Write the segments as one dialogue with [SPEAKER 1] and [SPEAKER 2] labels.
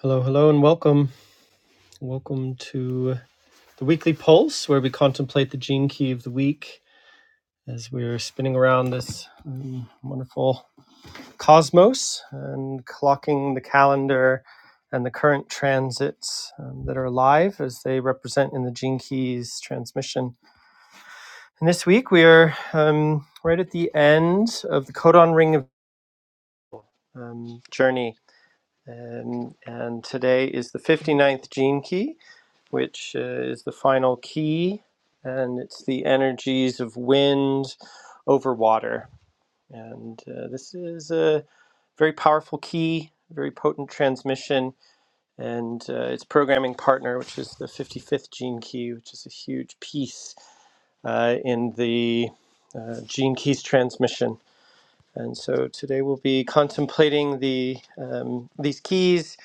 [SPEAKER 1] Hello, hello, and welcome. Welcome to the weekly pulse where we contemplate the gene key of the week as we're spinning around this um, wonderful cosmos and clocking the calendar and the current transits um, that are alive as they represent in the gene keys transmission. And this week we are um, right at the end of the codon ring of, um, journey. Um, and today is the fifty-ninth gene key which uh, is the final key, and it's the energies of wind over water. And uh, this is a very powerful key, very potent transmission, and uh, its programming partner, which is the 55th gene key, which is a huge piece uh, in the uh, gene keys transmission. And so today we'll be contemplating the um, these keys,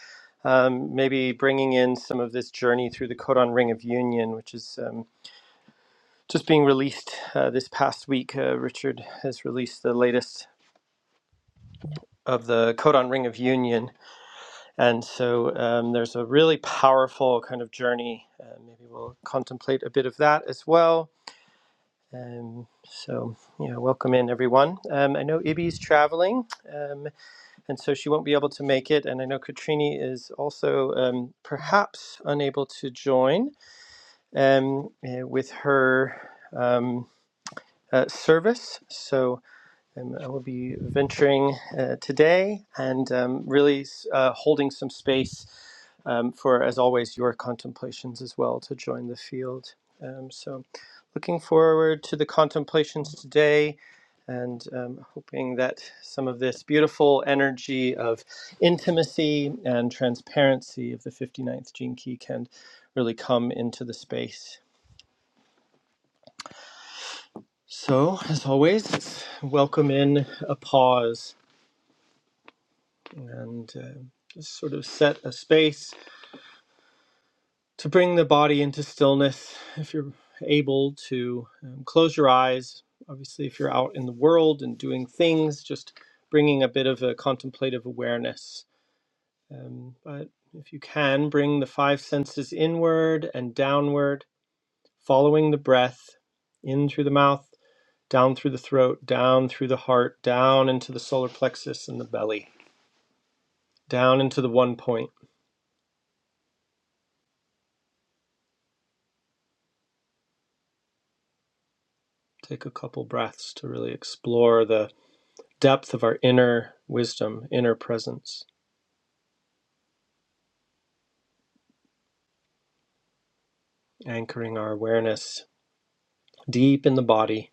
[SPEAKER 1] um, maybe bringing in some of this journey through the codon ring of union, which is um, just being released uh, this past week. Uh, Richard has released the latest of the Codon Ring of Union. And so um, there's a really powerful kind of journey. Uh, maybe we'll contemplate a bit of that as well. Um, so, yeah, welcome in everyone. Um, I know Ibby's traveling, um, and so she won't be able to make it. And I know Katrini is also um, perhaps unable to join um, eh, with her um, uh, service. So, Um, I will be venturing uh, today and um, really uh, holding some space um, for, as always, your contemplations as well to join the field. Um, so, looking forward to the contemplations today and um, hoping that some of this beautiful energy of intimacy and transparency of the fifty-ninth Gene Key can really come into the space. So, as always, let's welcome in a pause and uh, just sort of set a space to bring the body into stillness. If you're able to um, close your eyes, obviously, if you're out in the world and doing things, just bringing a bit of a contemplative awareness. Um, but if you can, bring the five senses inward and downward, following the breath in through the mouth, down through the throat, down through the heart, down into the solar plexus and the belly, down into the one point Take a couple breaths to really explore the depth of our inner wisdom, inner presence, anchoring our awareness deep in the body.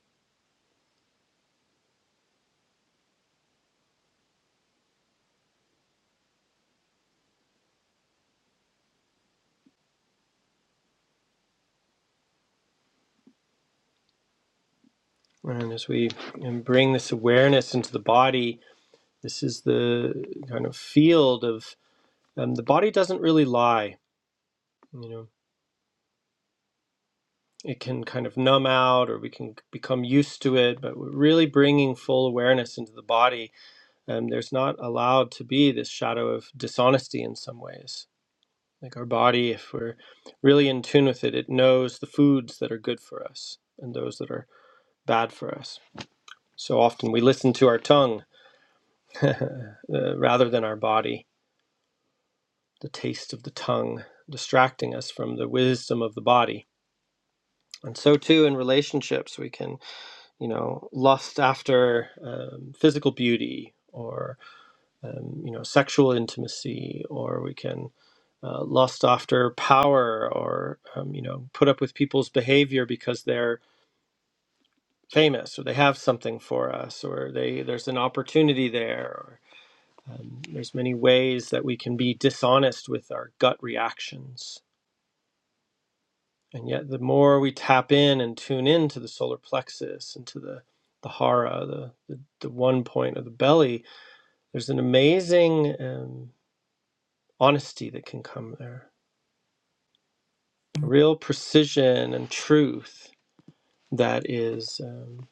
[SPEAKER 1] And as we um, bring this awareness into the body, this is the kind of field of um, the body doesn't really lie. You know, it can kind of numb out or we can become used to it, but we're really bringing full awareness into the body. And um, there's not allowed to be this shadow of dishonesty in some ways Like our body, if we're really in tune with it, it knows the foods that are good for us and those that are bad for us. So often we listen to our tongue uh, rather than our body, the taste of the tongue distracting us from the wisdom of the body. And so too in relationships, we can, you know, lust after um, physical beauty or. um, you know, sexual intimacy, or we can uh, lust after power, or um, you know, put up with people's behavior because they're famous or they have something for us, or they there's an opportunity there. Or, um, there's many ways that we can be dishonest with our gut reactions, and yet the more we tap in and tune in to the solar plexus and to the the hara, the, the, the one point of the belly, there's an amazing um, honesty that can come there real precision and truth that is um,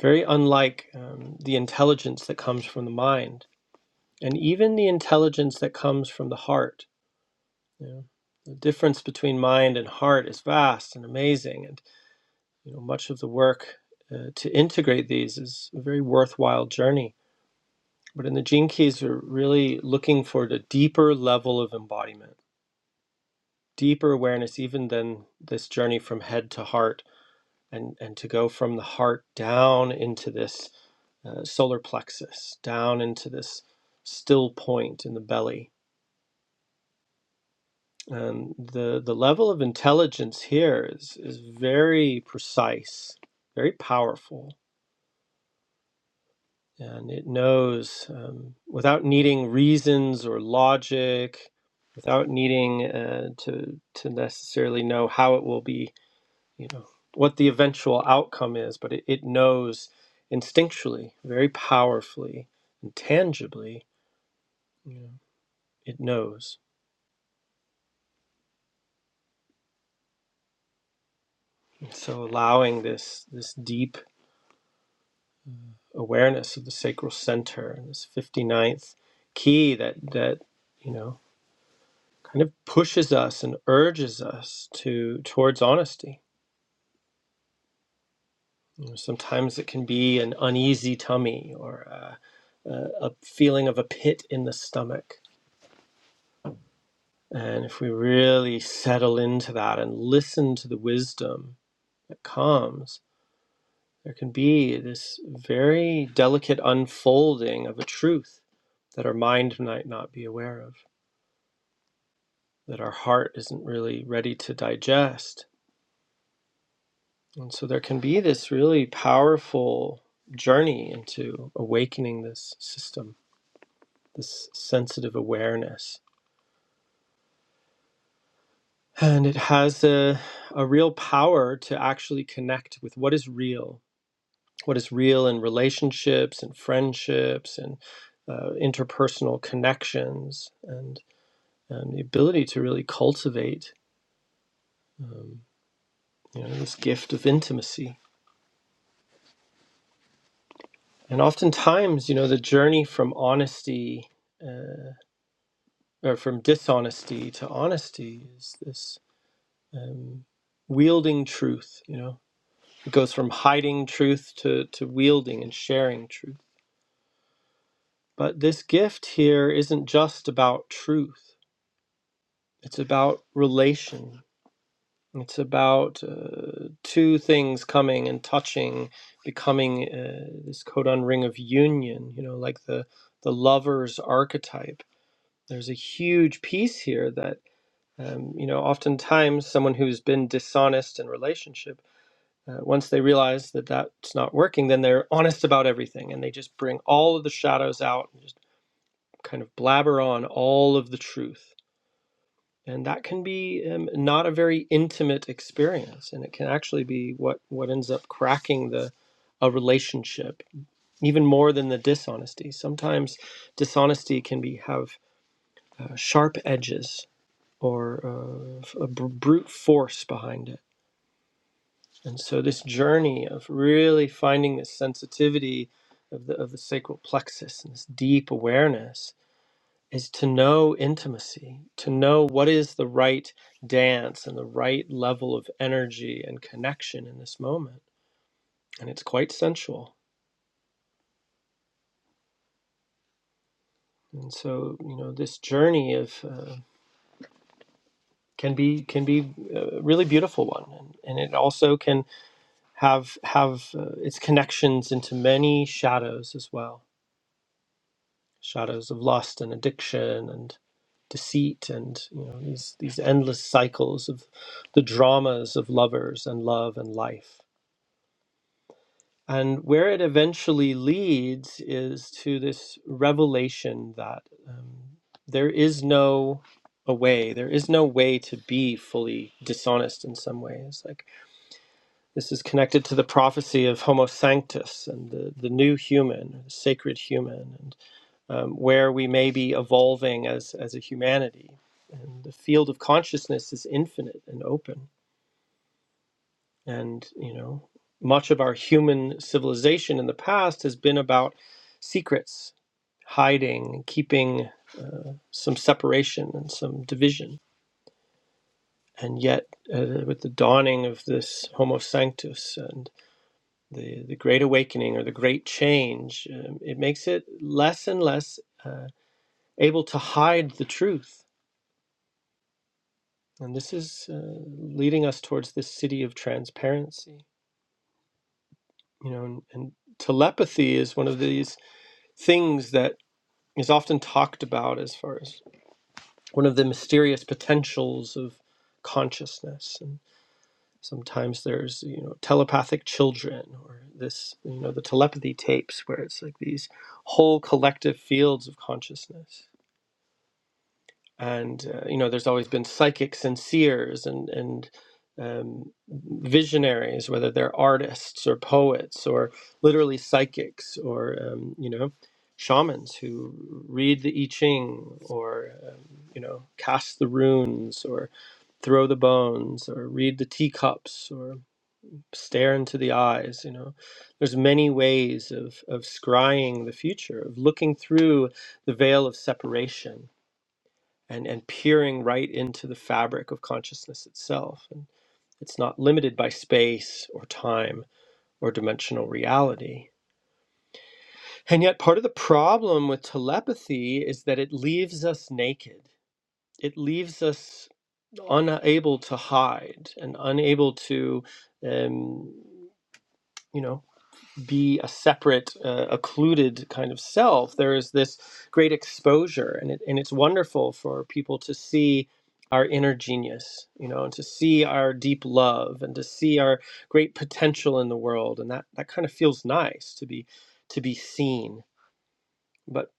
[SPEAKER 1] very unlike um, the intelligence that comes from the mind and even the intelligence that comes from the heart. You know. The difference between mind and heart is vast and amazing, and you know much of the work uh, to integrate these is a very worthwhile journey. But in the gene keys, we're really looking for the deeper level of embodiment, deeper awareness, even than this journey from head to heart and and to go from the heart down into this uh, solar plexus, down into this still point in the belly. And the the level of intelligence here is is very precise, very powerful, and it knows um, without needing reasons or logic, without needing uh, to to necessarily know how it will be you know what the eventual outcome is but it, it knows instinctually very powerfully and tangibly you know, it knows and so allowing this this deep awareness of the sacral center and this ninth key that that you know kind of pushes us and urges us to towards honesty you know, sometimes it can be an uneasy tummy or a, a, a feeling of a pit in the stomach And if we really settle into that and listen to the wisdom that comes, there can be this very delicate unfolding of a truth that our mind might not be aware of, that our heart isn't really ready to digest. And so there can be this really powerful journey into awakening this system, this sensitive awareness. And it has a, a real power to actually connect with what is real what is real in relationships and friendships and uh, interpersonal connections and, and the ability to really cultivate um, you know this gift of intimacy and oftentimes you know the journey from honesty uh, or from dishonesty to honesty is this um, wielding truth you know it goes from hiding truth to, to wielding and sharing truth but this gift here isn't just about truth It's about relation. It's about uh, two things coming and touching, becoming uh, this codon ring of union. You know, like the the lover's archetype. There's a huge piece here that um, you know. Oftentimes, someone who's been dishonest in relationship, uh, once they realize that that's not working, then they're honest about everything, and they just bring all of the shadows out and just kind of blabber on all of the truth and that can be um, not a very intimate experience and it can actually be what what ends up cracking the a relationship even more than the dishonesty sometimes dishonesty can be have uh, sharp edges or uh, f- a br- brute force behind it and so this journey of really finding this sensitivity of the, of the sacral plexus and this deep awareness is to know intimacy, to know what is the right dance and the right level of energy and connection in this moment. And it's quite sensual. And so, you know, this journey of uh, can be can be a really beautiful one, and, and it also can have have uh, its connections into many shadows as well, shadows of lust and addiction and deceit and you know these these endless cycles of the dramas of lovers and love and life And where it eventually leads is to this revelation that um, there is no a way, there is no way to be fully dishonest in some ways. Like this is connected to the prophecy of Homo Sanctus and the, the new human, the sacred human, and um, where we may be evolving as, as a humanity. And the field of consciousness is infinite and open and, you know, much of our human civilization in the past has been about secrets, hiding, keeping some separation and some division. And yet, uh, with the dawning of this Homo Sanctus and the, the Great Awakening or the Great Change, um, it makes it less and less uh, able to hide the truth. And this is uh, leading us towards this city of transparency. You know, and, and telepathy is one of these things that is often talked about as far as one of the mysterious potentials of consciousness and sometimes there's you know telepathic children or this you know the telepathy tapes where it's like these whole collective fields of consciousness and uh, you know there's always been psychics and seers and and um, visionaries whether they're artists or poets or literally psychics or um, you know shamans who read the i ching or um, you know cast the runes or throw the bones or read the teacups or stare into the eyes you know there's many ways of of scrying the future of looking through the veil of separation and and peering right into the fabric of consciousness itself and it's not limited by space or time or dimensional reality and yet part of the problem with telepathy is that it leaves us naked it leaves us unable to hide and unable to um, you know be a separate, uh, occluded kind of self. There is this great exposure, and it, and it's wonderful for people to see our inner genius, you know, and to see our deep love, and to see our great potential in the world, and that that kind of feels nice to be to be seen. But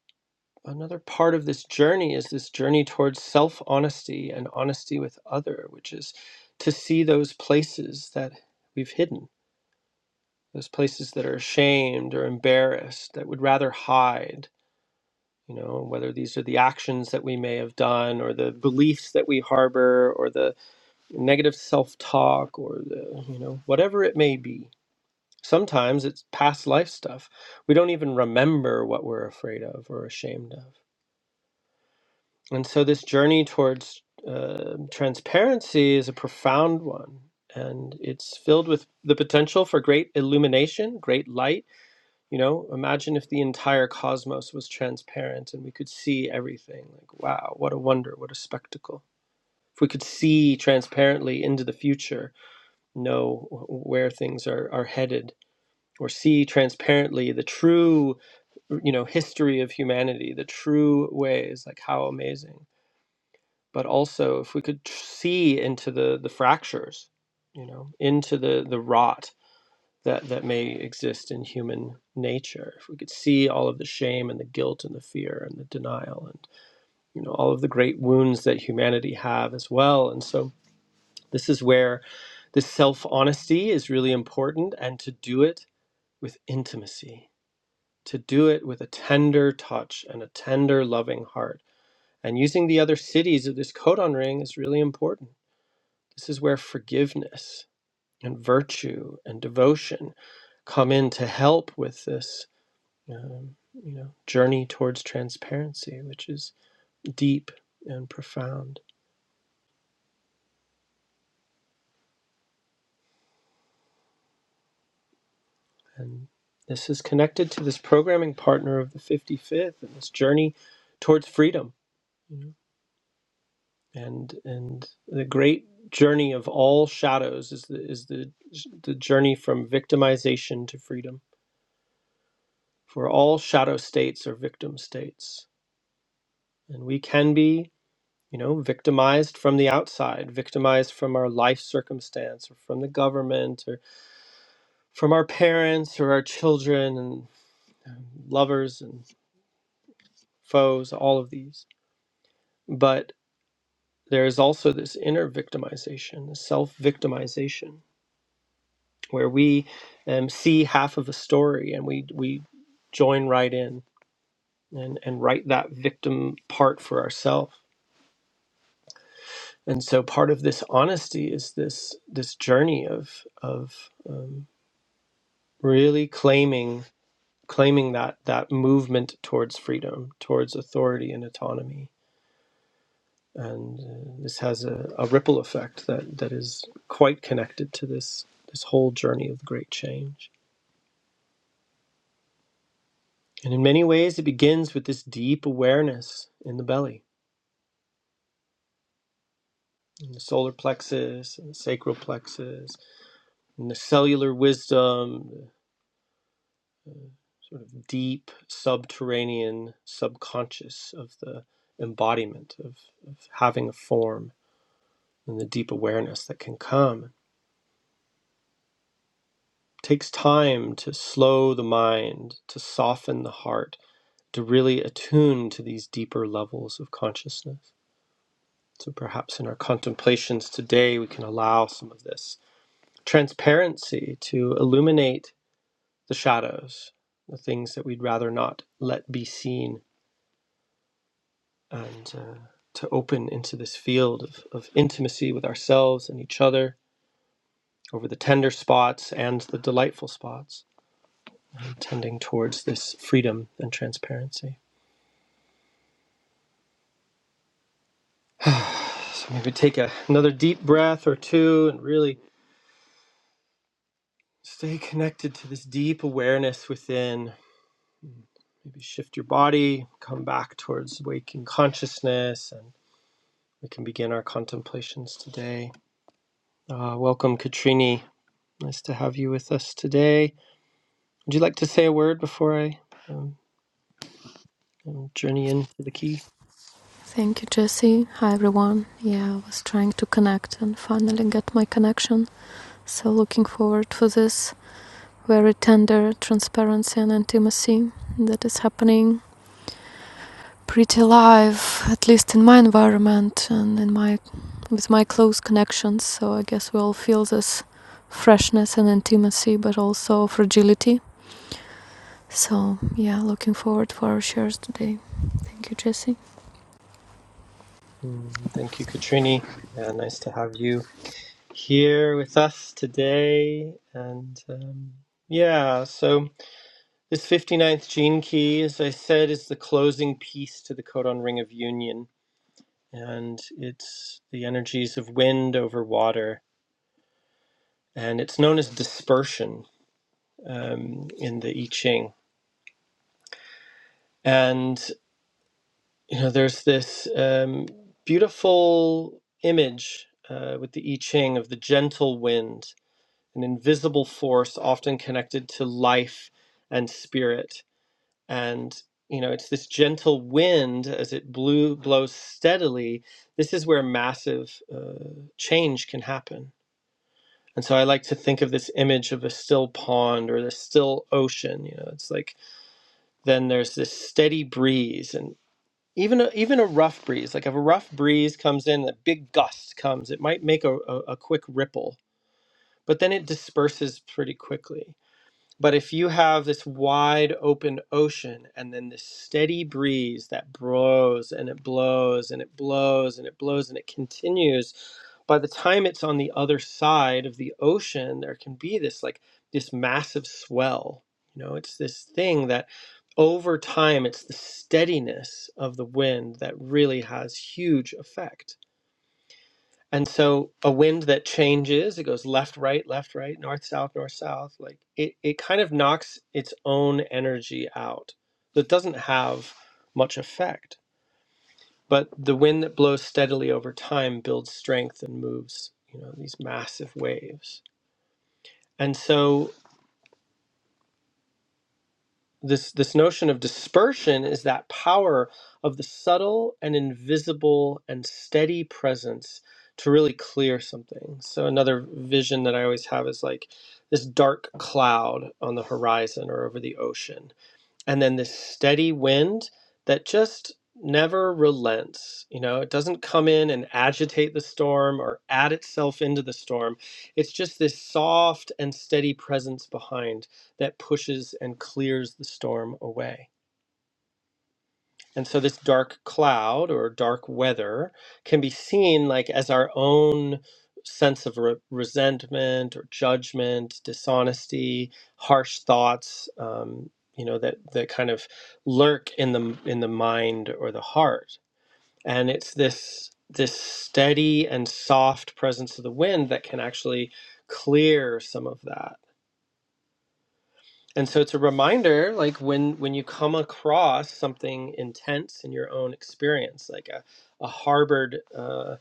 [SPEAKER 1] another part of this journey is this journey towards self honesty and honesty with other, which is to see those places that we've hidden those places that are ashamed or embarrassed, that would rather hide, you know, whether these are the actions that we may have done or the beliefs that we harbor or the negative self talk or the, you know, whatever it may be. Sometimes it's past life stuff. We don't even remember what we're afraid of or ashamed of. And so this journey towards uh, transparency is a profound one. And it's filled with the potential for great illumination, great light You know, imagine if the entire cosmos was transparent and we could see everything. Like, wow, what a wonder, what a spectacle. If we could see transparently into the future, know where things are, are headed, or see transparently the true, you know, history of humanity, the true ways, like how amazing. But also, if we could see into the, the fractures, you know, into the, the rot that that may exist in human nature if we could see all of the shame and the guilt and the fear and the denial and you know all of the great wounds that humanity have as well and so this is where this self honesty is really important and to do it with intimacy to do it with a tender touch and a tender loving heart and using the other cities of this codon ring is really important this is where forgiveness and virtue and devotion come in to help with this um, you know, journey towards transparency, which is deep and profound. And this is connected to this programming partner of the 55th and this journey towards freedom. you know. And and the great journey of all shadows is the is the the journey from victimization to freedom. For all shadow states are victim states, and we can be. You know, victimized from the outside, victimized from our life circumstance or from the government from our parents or our children and um, lovers and foes, all of these. But there is also this inner victimization, this self victimization, where we um, see half of a story and we, we join right in and, and write that victim part for ourselves. And so part of this honesty is this this journey of of um, really claiming claiming that that movement towards freedom, towards authority and autonomy and uh, this has a, a ripple effect that, that is quite connected to this this whole journey of the great change. And in many ways, it begins with this deep awareness in the belly, in the solar plexus, and the sacral plexus, and the cellular wisdom, the sort of deep subterranean subconscious of the embodiment of, of having a form, and the deep awareness that can come. It takes time to slow the mind, to soften the heart, to really attune to these deeper levels of consciousness. So perhaps in our contemplations today, we can allow some of this transparency to illuminate the shadows, the things that we'd rather not let be seen, and uh, to open into this field of, of intimacy with ourselves and each other over the tender spots and the delightful spots, tending towards this freedom and transparency. So maybe take a, another deep breath or two and really Stay connected to this deep awareness within. Maybe shift your body, come back towards waking consciousness, and we can begin our contemplations today. Uh, welcome, Katrini. Nice to have you with us today. Would you like to say a word before I um, um, journey into the key?
[SPEAKER 2] Thank you, Jesse. Hi, everyone. Yeah, I was trying to connect and finally get my connection. So looking forward for this very tender transparency and intimacy that is happening pretty live, at least in my environment and in my with my close connections. So I guess we all feel this freshness and intimacy, but also fragility. So yeah, looking forward for our shares today. Thank you, Jesse.
[SPEAKER 1] Mm, thank you, Katrini. Yeah, nice to have you here with us today. And um, yeah, so. This fifty ninth gene key, as I said, is the closing piece to the codon ring of union, and it's the energies of wind over water, and it's known as dispersion um, in the I Ching. And you know, there's this um, beautiful image uh, with the I Ching of the gentle wind, an invisible force often connected to life and spirit and you know it's this gentle wind as it blew blows steadily this is where massive uh, change can happen and so i like to think of this image of a still pond or the still ocean you know it's like then there's this steady breeze and even a, even a rough breeze like if a rough breeze comes in a big gust comes it might make a, a, a quick ripple but then it disperses pretty quickly but if you have this wide open ocean and then this steady breeze that blows and it blows and it blows and it blows and it continues, by the time it's on the other side of the ocean, there can be this like this massive swell. You know, it's this thing that over time, it's the steadiness of the wind that really has huge effect. And so a wind that changes, it goes left, right, left, right, north, south, north, south, like it, it kind of knocks its own energy out. So it doesn't have much effect. But the wind that blows steadily over time builds strength and moves, you know, these massive waves. And so this this notion of dispersion is that power of the subtle and invisible and steady presence to really clear something. So another vision that I always have is like this dark cloud on the horizon or over the ocean and then this steady wind that just never relents. You know, it doesn't come in and agitate the storm or add itself into the storm. It's just this soft and steady presence behind that pushes and clears the storm away. And so this dark cloud or dark weather can be seen like as our own sense of re- resentment or judgment, dishonesty, harsh thoughts, um, you know, that, that kind of lurk in the in the mind or the heart. And it's this this steady and soft presence of the wind that can actually clear some of that and so it's a reminder, like when when you come across something intense in your own experience, like a, a harbored, uh,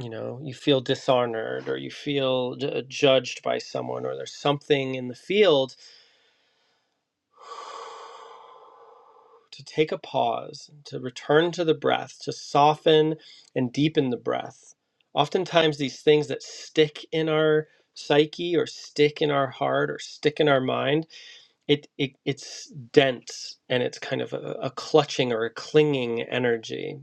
[SPEAKER 1] you know, you feel dishonored or you feel ju- judged by someone, or there's something in the field, to take a pause, to return to the breath, to soften and deepen the breath. Oftentimes, these things that stick in our psyche or stick in our heart or stick in our mind it, it it's dense and it's kind of a, a clutching or a clinging energy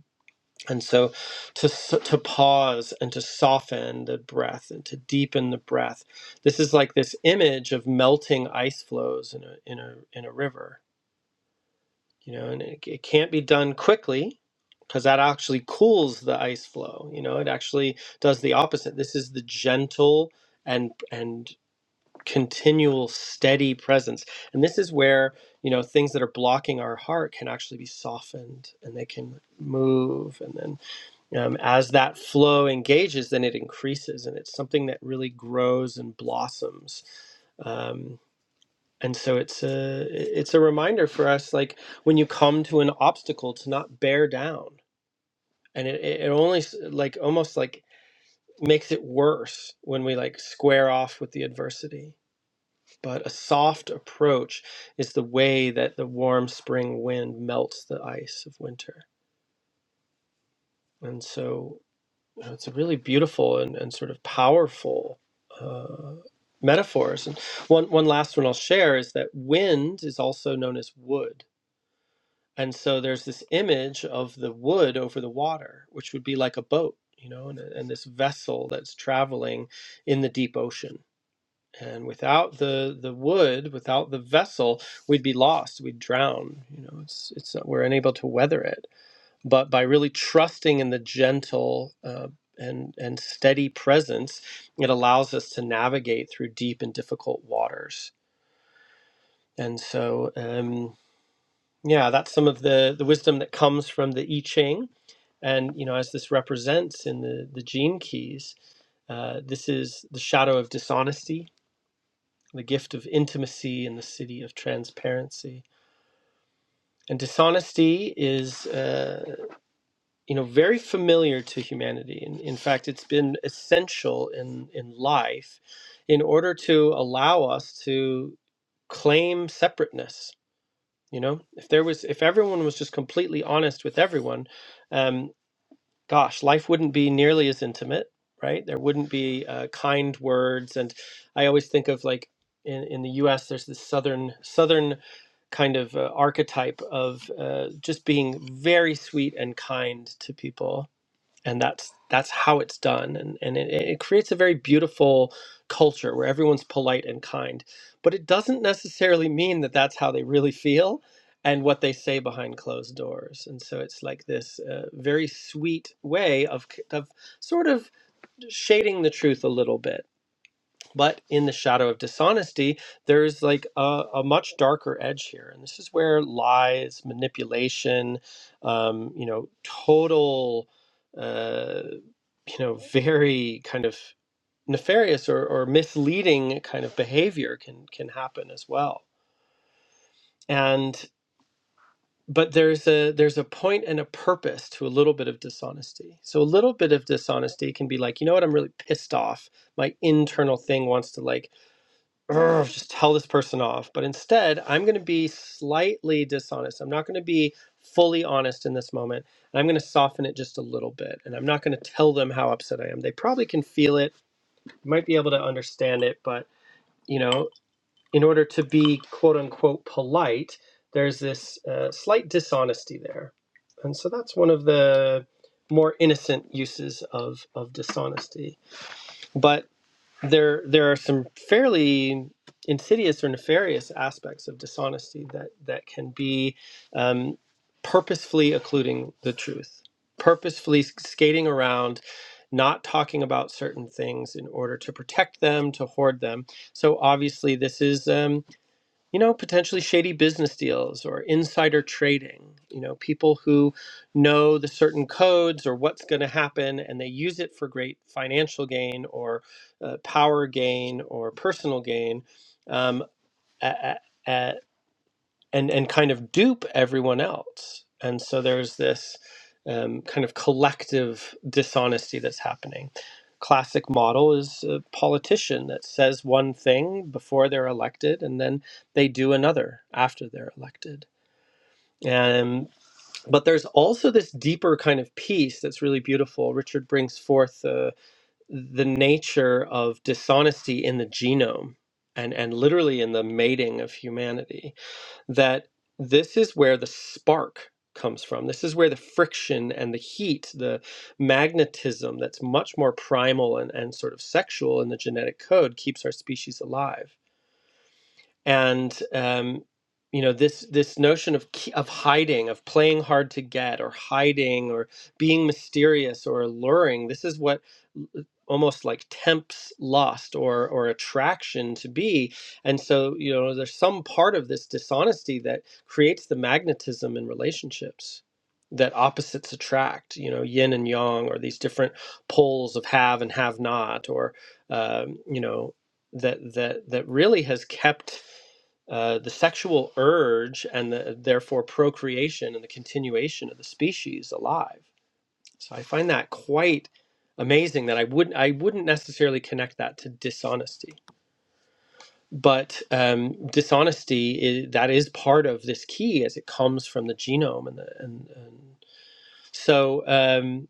[SPEAKER 1] and so to to pause and to soften the breath and to deepen the breath this is like this image of melting ice flows in a in a in a river you know and it, it can't be done quickly because that actually cools the ice flow you know it actually does the opposite this is the gentle and and continual steady presence and this is where you know things that are blocking our heart can actually be softened and they can move and then um, as that flow engages then it increases and it's something that really grows and blossoms um, and so it's a it's a reminder for us like when you come to an obstacle to not bear down and it, it it only s- like almost like makes it worse when we like square off with the adversity but a soft approach is the way that the warm spring wind melts the ice of winter. And so you know, it's a really beautiful and, and sort of powerful uh, metaphors. And one, one last one I'll share is that wind is also known as wood. And so there's this image of the wood over the water, which would be like a boat, you know, and, and this vessel that's traveling in the deep ocean and without the the wood without the vessel we'd be lost we'd drown you know it's it's uh, we're unable to weather it but by really trusting in the gentle uh, and and steady presence it allows us to navigate through deep and difficult waters and so um yeah that's some of the the wisdom that comes from the i ching and you know as this represents in the the gene keys uh, this is the shadow of dishonesty the gift of intimacy in the city of transparency. And dishonesty is, uh, you know, very familiar to humanity. In, in fact, it's been essential in, in life in order to allow us to claim separateness. You know, if there was, if everyone was just completely honest with everyone, um, gosh, life wouldn't be nearly as intimate, right? There wouldn't be uh, kind words, and I always think of like in in the U.S. There's this southern southern kind of uh, archetype of uh, just being very sweet and kind to people and that's that's how it's done and and it, it creates a very beautiful culture where everyone's polite and kind but it doesn't necessarily mean that that's how they really feel and what they say behind closed doors and so it's like this uh, very sweet way of k- of sort of shading the truth a little bit but in the shadow of dishonesty there's like a, a much darker edge here and this is where lies manipulation um, you know total uh, you know very kind of nefarious or, or misleading kind of behavior can can happen as well and but there's a there's a point and a purpose to a little bit of dishonesty so a little bit of dishonesty can be like you know what i'm really pissed off my internal thing wants to like "Urgh, just tell this person off. But instead, I'm going to be slightly dishonest. I'm not going to be fully honest in this moment. And I'm going to soften it just a little bit. And I'm not going to tell them how upset I am. They probably can feel it, might be able to understand it. But, you know, in order to be quote unquote polite, there's this uh, slight dishonesty there. And so that's one of the more innocent uses of, of dishonesty. But there there are some fairly insidious or nefarious aspects of dishonesty that that can be um, purposefully occluding the truth, purposefully s- skating around, not talking about certain things in order to protect them, to hoard them. So obviously, this is. Um, you know, potentially shady business deals or insider trading, you know, people who know the certain codes or what's going to happen and they use it for great financial gain or uh, power gain or personal gain. Um, a- a- a- and and kind of dupe everyone else. And so there's this um, kind of collective dishonesty that's happening. Classic model is a politician that says one thing before they're elected, and then they do another after they're elected. And but there's also this deeper kind of piece that's really beautiful. Richard brings forth the the nature of dishonesty in the genome, and and literally in the mating of humanity that this is where the spark comes from. This is where the friction and the heat, the magnetism that's much more primal and, and sort of sexual in the genetic code keeps our species alive and um, you know this this notion of ke- of hiding of playing hard to get or hiding or being mysterious or alluring this is what l- almost like tempts lust or or attraction to be and so you know there's some part of this dishonesty that creates the magnetism in relationships that opposites attract you know yin and yang or these different poles of have and have not or um, you know that that that really has kept uh, the sexual urge and the, therefore procreation and the continuation of the species alive. So I find that quite amazing that I wouldn't I wouldn't necessarily connect that to dishonesty, but um, dishonesty is, that is part of this key as it comes from the genome and the and, and so um,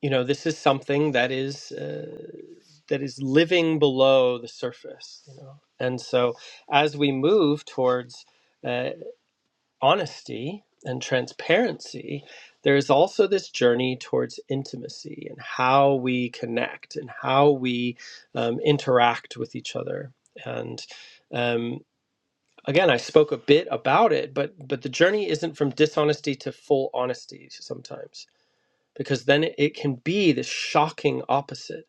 [SPEAKER 1] you know this is something that is. Uh, that is living below the surface you know and so as we move towards uh, honesty and transparency, there is also this journey towards intimacy and how we connect and how we um, interact with each other. And um, again, I spoke a bit about it, but but the journey isn't from dishonesty to full honesty sometimes, because then it, it can be the shocking opposite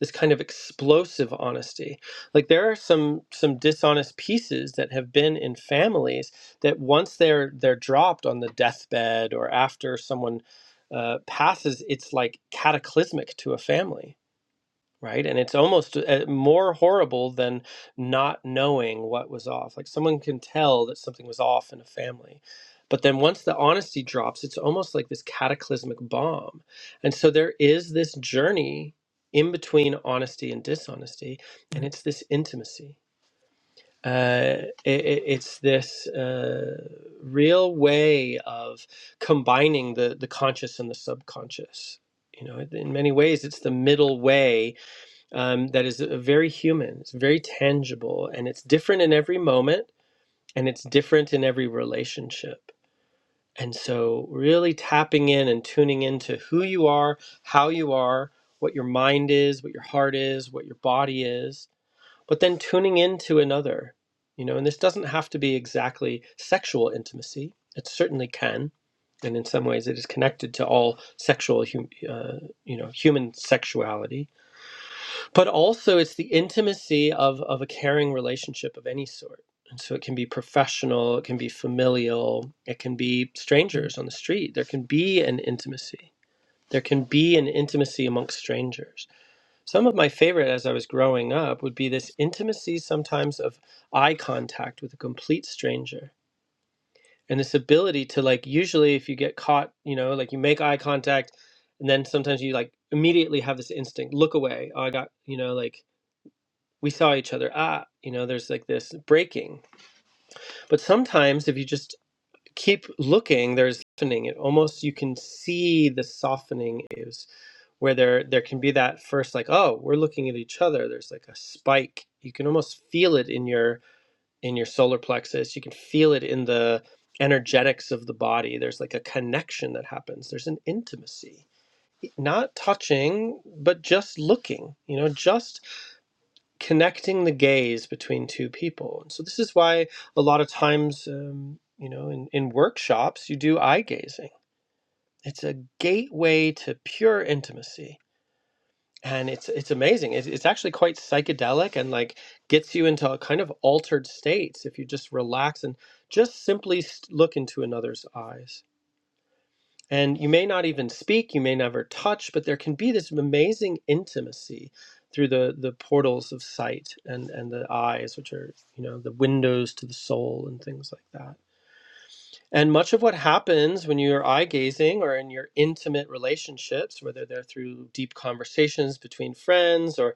[SPEAKER 1] this kind of explosive honesty like there are some some dishonest pieces that have been in families that once they're they're dropped on the deathbed or after someone uh, passes it's like cataclysmic to a family right? And it's almost uh, more horrible than not knowing what was off. Like someone can tell that something was off in a family. But then once the honesty drops, it's almost like this cataclysmic bomb. And so there is this journey in between honesty and dishonesty, and it's this intimacy. Uh, it, it- it's this uh, real way of combining the the conscious and the subconscious. You know, in many ways, it's the middle way um, that is uh, very human, it's very tangible, and it's different in every moment, and it's different in every relationship. And so, really tapping in and tuning into who you are, how you are, what your mind is, what your heart is, what your body is, but then tuning into another. You know, and this doesn't have to be exactly sexual intimacy, it certainly can. And in some ways, it is connected to all sexual, hum- uh, you know, human sexuality but also it's the intimacy of of a caring relationship of any sort and so it can be professional it can be familial it can be strangers on the street there can be an intimacy there can be an intimacy amongst strangers some of my favorite as i was growing up would be this intimacy sometimes of eye contact with a complete stranger and this ability to like usually if you get caught you know like you make eye contact and then sometimes you like immediately have this instinct look away oh i got you know like we saw each other ah you know there's like this breaking but sometimes if you just keep looking there's softening it almost you can see the softening is where there there can be that first like oh we're looking at each other there's like a spike you can almost feel it in your in your solar plexus you can feel it in the energetics of the body there's like a connection that happens there's an intimacy not touching but just looking you know just connecting the gaze between two people. And so this is why a lot of times, um, you know, in, in workshops, you do eye gazing. It's a gateway to pure intimacy. And it's it's amazing. It's, it's actually quite psychedelic and like gets you into a kind of altered states if you just relax and just simply look into another's eyes. And you may not even speak, you may never touch, but there can be this amazing intimacy through the, the portals of sight and, and the eyes, which are, you know, the windows to the soul and things like that. And much of what happens when you're eye gazing or in your intimate relationships, whether they're through deep conversations between friends or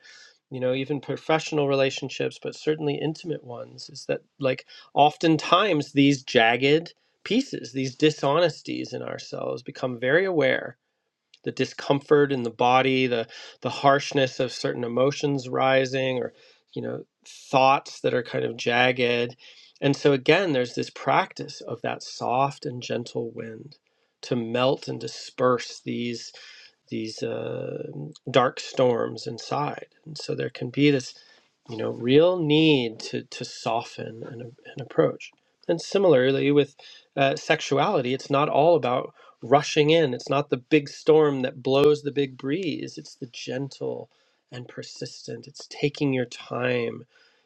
[SPEAKER 1] you know even professional relationships but certainly intimate ones is that like oftentimes these jagged pieces these dishonesties in ourselves become very aware the discomfort in the body, the the harshness of certain emotions rising, or you know thoughts that are kind of jagged. And so again, there's this practice of that soft and gentle wind to melt and disperse these these uh, dark storms inside. And so there can be this you know real need to to soften an, an approach and similarly with uh, sexuality it's not all about rushing in it's not the big storm that blows the big breeze it's the gentle and persistent it's taking your time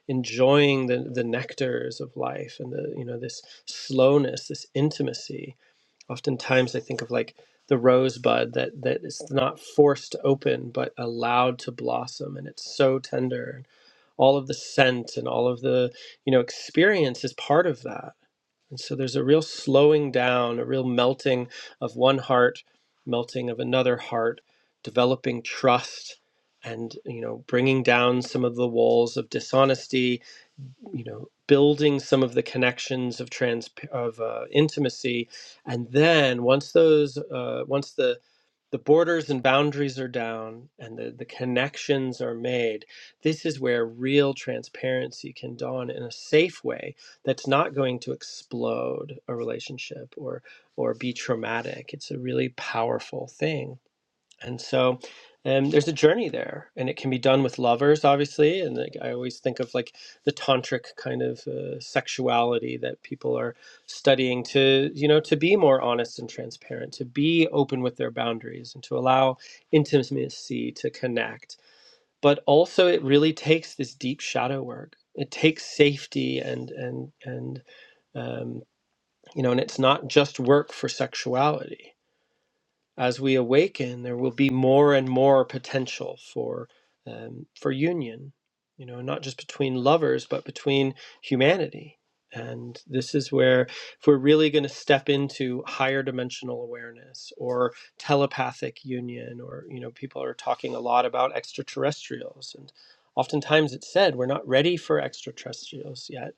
[SPEAKER 1] enjoying the, the nectars of life and the you know this slowness this intimacy oftentimes i think of like the rosebud that that is not forced open but allowed to blossom and it's so tender all of the scent and all of the you know experience is part of that and so there's a real slowing down a real melting of one heart melting of another heart developing trust and you know bringing down some of the walls of dishonesty you know building some of the connections of trans of uh, intimacy and then once those uh, once the the borders and boundaries are down and the, the connections are made this is where real transparency can dawn in a safe way that's not going to explode a relationship or or be traumatic it's a really powerful thing and so um, there's a journey there, and it can be done with lovers, obviously. And like, I always think of like the tantric kind of uh, sexuality that people are studying to, you know, to be more honest and transparent, to be open with their boundaries, and to allow intimacy to connect. But also, it really takes this deep shadow work. It takes safety and and and um, you know, and it's not just work for sexuality as we awaken, there will be more and more potential for um, for union. You know, not just between lovers, but between humanity. And this is where, if we're really going to step into higher dimensional awareness or telepathic union, or you know, people are talking a lot about extraterrestrials, and oftentimes it's said we're not ready for extraterrestrials yet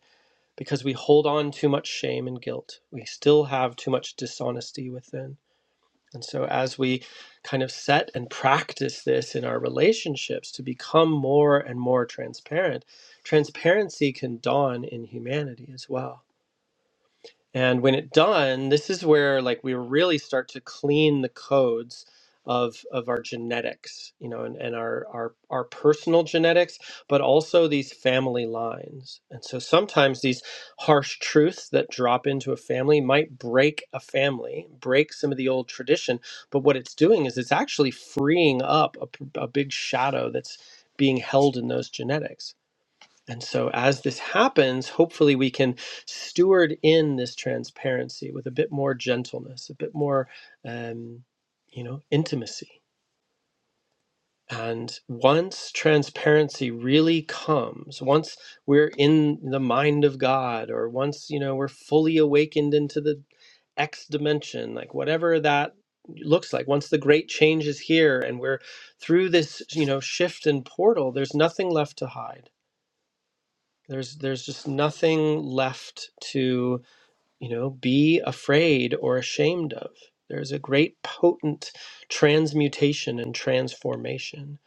[SPEAKER 1] because we hold on too much shame and guilt. We still have too much dishonesty within and so, as we kind of set and practice this in our relationships to become more and more transparent, transparency can dawn in humanity as well. And when it's done, this is where like we really start to clean the codes of of our genetics, you know, and, and our, our our personal genetics, but also these family lines. And so sometimes these harsh truths that drop into a family might break a family, break some of the old tradition. But what it's doing is it's actually freeing up a, p- a big shadow that's being held in those genetics. And so, as this happens, hopefully we can steward in this transparency with a bit more gentleness, a bit more, um, you know, intimacy. And once transparency really comes, once we're in the mind of God, or once, you know, we're fully awakened into the X dimension, like whatever that looks like, once the great change is here and we're through this, you know, shift and portal, there's nothing left to hide there's there's just nothing left to, you know, be afraid or ashamed of. There's a great potent transmutation and transformation.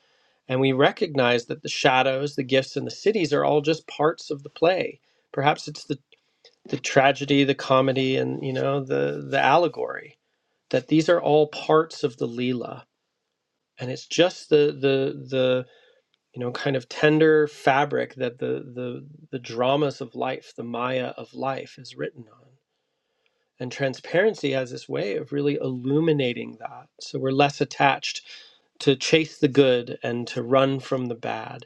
[SPEAKER 1] And we recognize that the shadows, the gifts, and the cities are all just parts of the play. Perhaps it's the, the tragedy, the comedy, and you know, the the allegory. That these are all parts of the Leela. And it's just the the the you know, kind of tender fabric that the the the dramas of life, the Maya of life, is written on. And transparency has this way of really illuminating that. So we're less attached to chase the good and to run from the bad,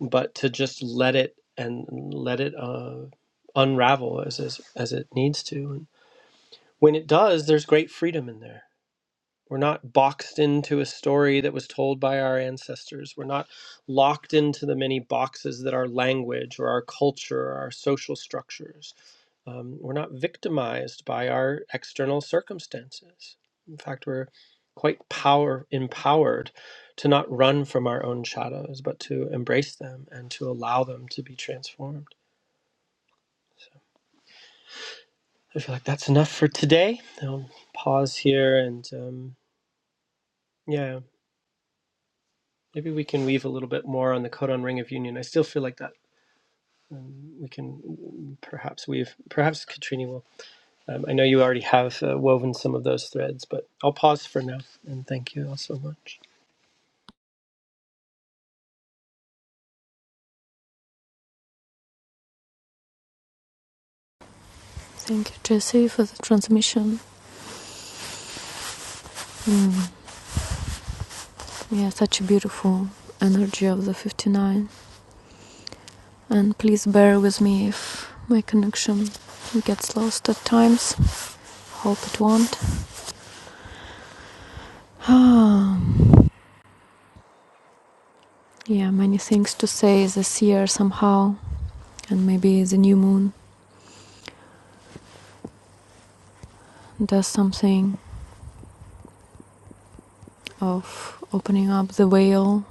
[SPEAKER 1] but to just let it and let it uh, unravel as, as as it needs to. And when it does, there's great freedom in there. We're not boxed into a story that was told by our ancestors. We're not locked into the many boxes that our language or our culture or our social structures. Um, we're not victimized by our external circumstances. In fact, we're quite power empowered to not run from our own shadows, but to embrace them and to allow them to be transformed. I feel like that's enough for today. I'll pause here and um, yeah, Maybe we can weave a little bit more on the codon ring of union. I still feel like that um, we can mm, perhaps weave, perhaps Katrini will. Um, I know you already have uh, woven some of those threads, but I'll pause for now and thank you all so much.
[SPEAKER 2] Thank you, Jesse, for the transmission. Mm. Yeah, such a beautiful energy of the 59. And please bear with me if my connection gets lost at times. Hope it won't. yeah, many things to say this year somehow. And maybe the new moon does something of opening up the veil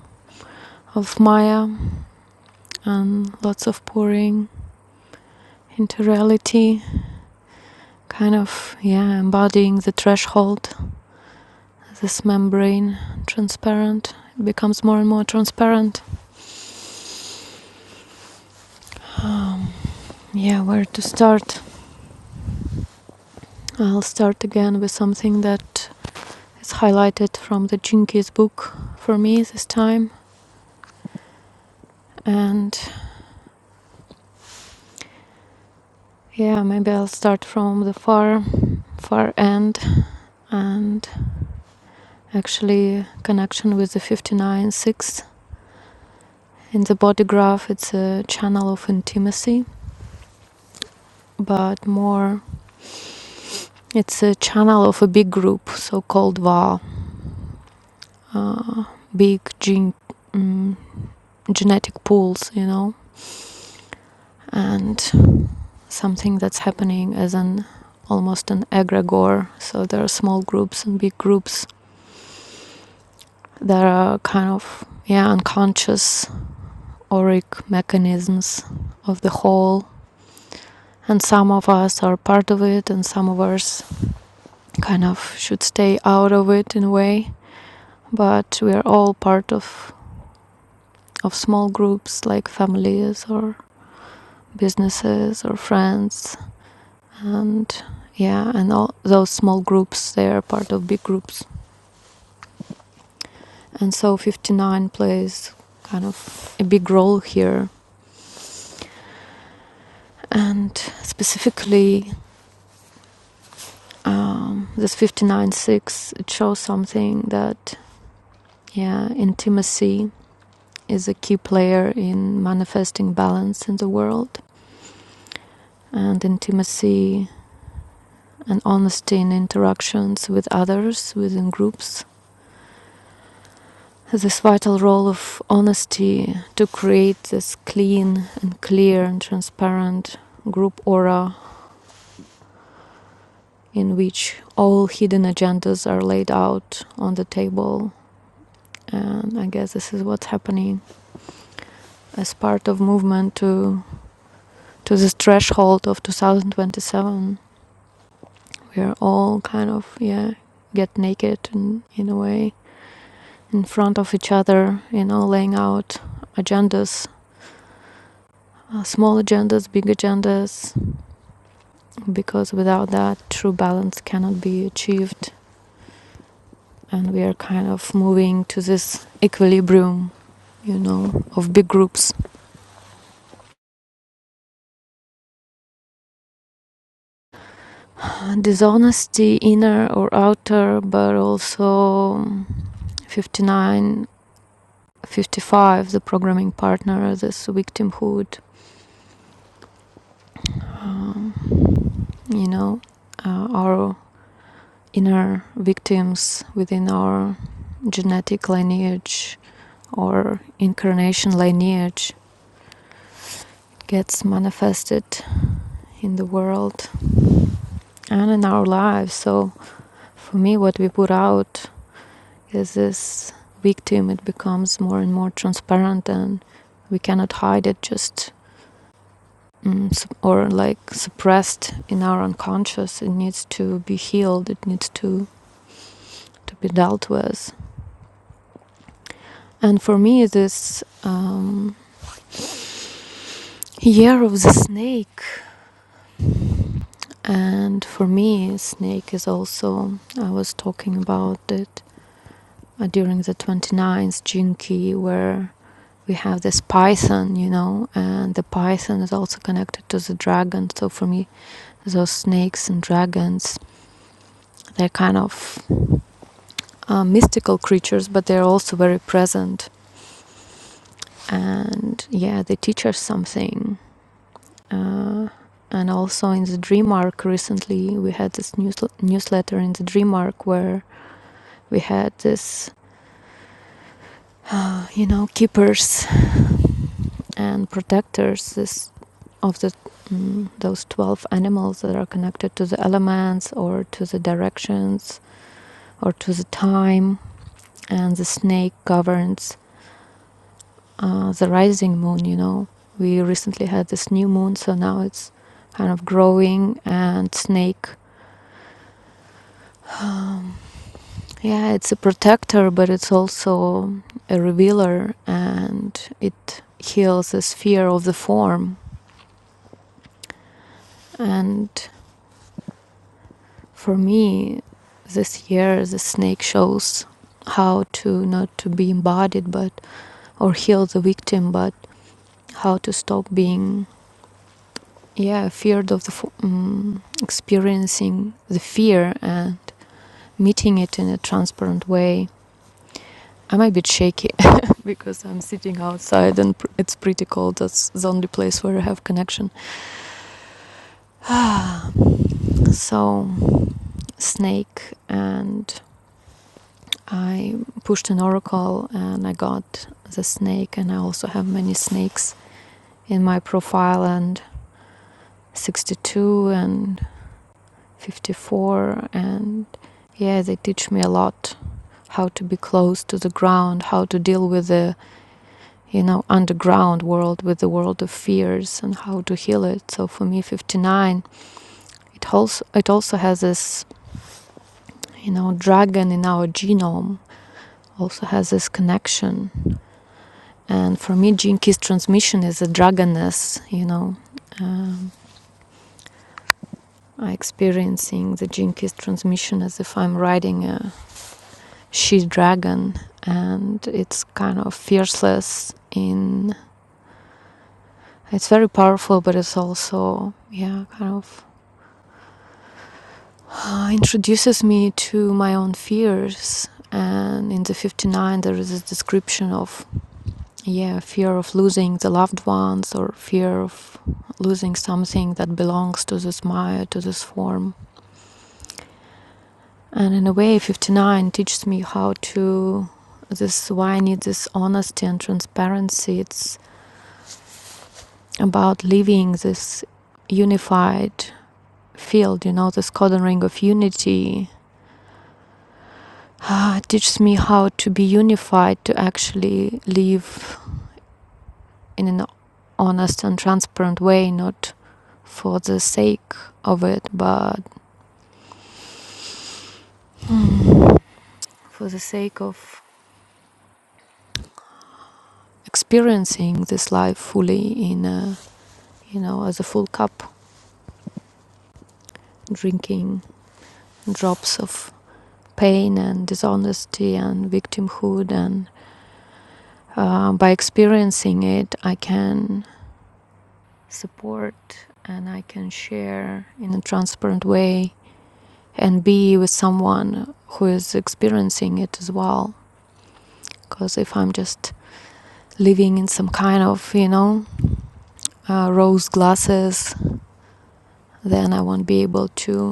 [SPEAKER 2] of Maya and lots of pouring into reality, kind of, yeah, embodying the threshold this membrane transparent It becomes more and more transparent. Um, yeah, where to start? I'll start again with something that is highlighted from the Jinkies book for me this time. And yeah, maybe I'll start from the far, far end and actually connection with the 59, 6. In the body graph, it's a channel of intimacy, but more it's a channel of a big group, so called Va. uh, big gene mm, genetic pools, you know, and something that's happening as an almost an egregore. So there are small groups and big groups that are kind of yeah unconscious auric mechanisms of the whole. And some of us are part of it, and some of us kind of should stay out of it in a way. But we are all part of of small groups like families or businesses or friends and yeah and all those small groups they are part of big groups and so 59 plays kind of a big role here and specifically um, this 59-6 it shows something that yeah intimacy is a key player in manifesting balance in the world and intimacy and honesty in interactions with others within groups this vital role of honesty to create this clean and clear and transparent group aura in which all hidden agendas are laid out on the table and i guess this is what's happening as part of movement to to this threshold of 2027 we are all kind of yeah get naked and in a way in front of each other you know laying out agendas uh, small agendas big agendas because without that, true balance cannot be achieved. And we are kind of moving to this equilibrium, you know, of big groups. Dishonesty, inner or outer, but also 59, 55, the programming partner, this victimhood, um, you know, uh, our inner victims within our genetic lineage or incarnation lineage gets manifested in the world and in our lives. So for me, what we put out is this victim. It becomes more and more transparent, and we cannot hide it just mm, or like suppressed in our unconscious. It needs to be healed. It needs to to be dealt with. And for me, this. Um, Year of the Snake, and for me, snake is also. I was talking about it Uh, during the twenty-ninth Jinki where we have this python, you know, and the python is also connected to the dragon. So for me, those snakes and dragons, they're kind of uh, mystical creatures, but they're also very present. And yeah, they teach us something. Uh, and also in the Dream Arc recently, we had this news- newsletter in the Dream Arc where we had this, uh, you know, keepers and protectors. This of the, mm, those 12 animals that are connected to the elements or to the directions or to the time. And the snake governs uh, the rising moon, you know. We recently had this new moon, so now it's kind of growing and snake um, yeah, it's a protector, but it's also a revealer and it heals this fear of the form. And For me, this year the snake shows how to not to be embodied but or heal the victim but how to stop being yeah feared of the um, experiencing the fear and meeting it in a transparent way i'm a bit shaky because i'm sitting outside and it's pretty cold that's the only place where i have connection so snake and I pushed an oracle and I got the snake, and I also have many snakes in my profile, and 62 and 54. And yeah, they teach me a lot how to be close to the ground, how to deal with the you know underground world with the world of fears and how to heal it so for me 59 it also it also has this you know dragon in our genome also has this connection And for me, Jinkies transmission is a dragoness, you know. Um, I experiencing the Jinkies transmission as if I'm riding a she dragon, and it's kind of fierceless. In it's very powerful, but it's also yeah, kind of uh, introduces me to my own fears. And in the 59, there is a description of yeah, fear of losing the loved ones or fear of losing something that belongs to this Maya, to this form. And in a way, 59 teaches me how to this why I need this honesty and transparency. It's about living this unified field, you know, this codon ring of unity. Ah, it teaches me how to be unified, to actually live in an honest and transparent way, not for the sake of it, but for the sake of experiencing this life fully in a, you know as a full cup drinking drops of pain and dishonesty and victimhood and uh, by experiencing it i can support and i can share in a transparent way and be with someone who is experiencing it as well because if i'm just living in some kind of you know uh, rose glasses then i won't be able to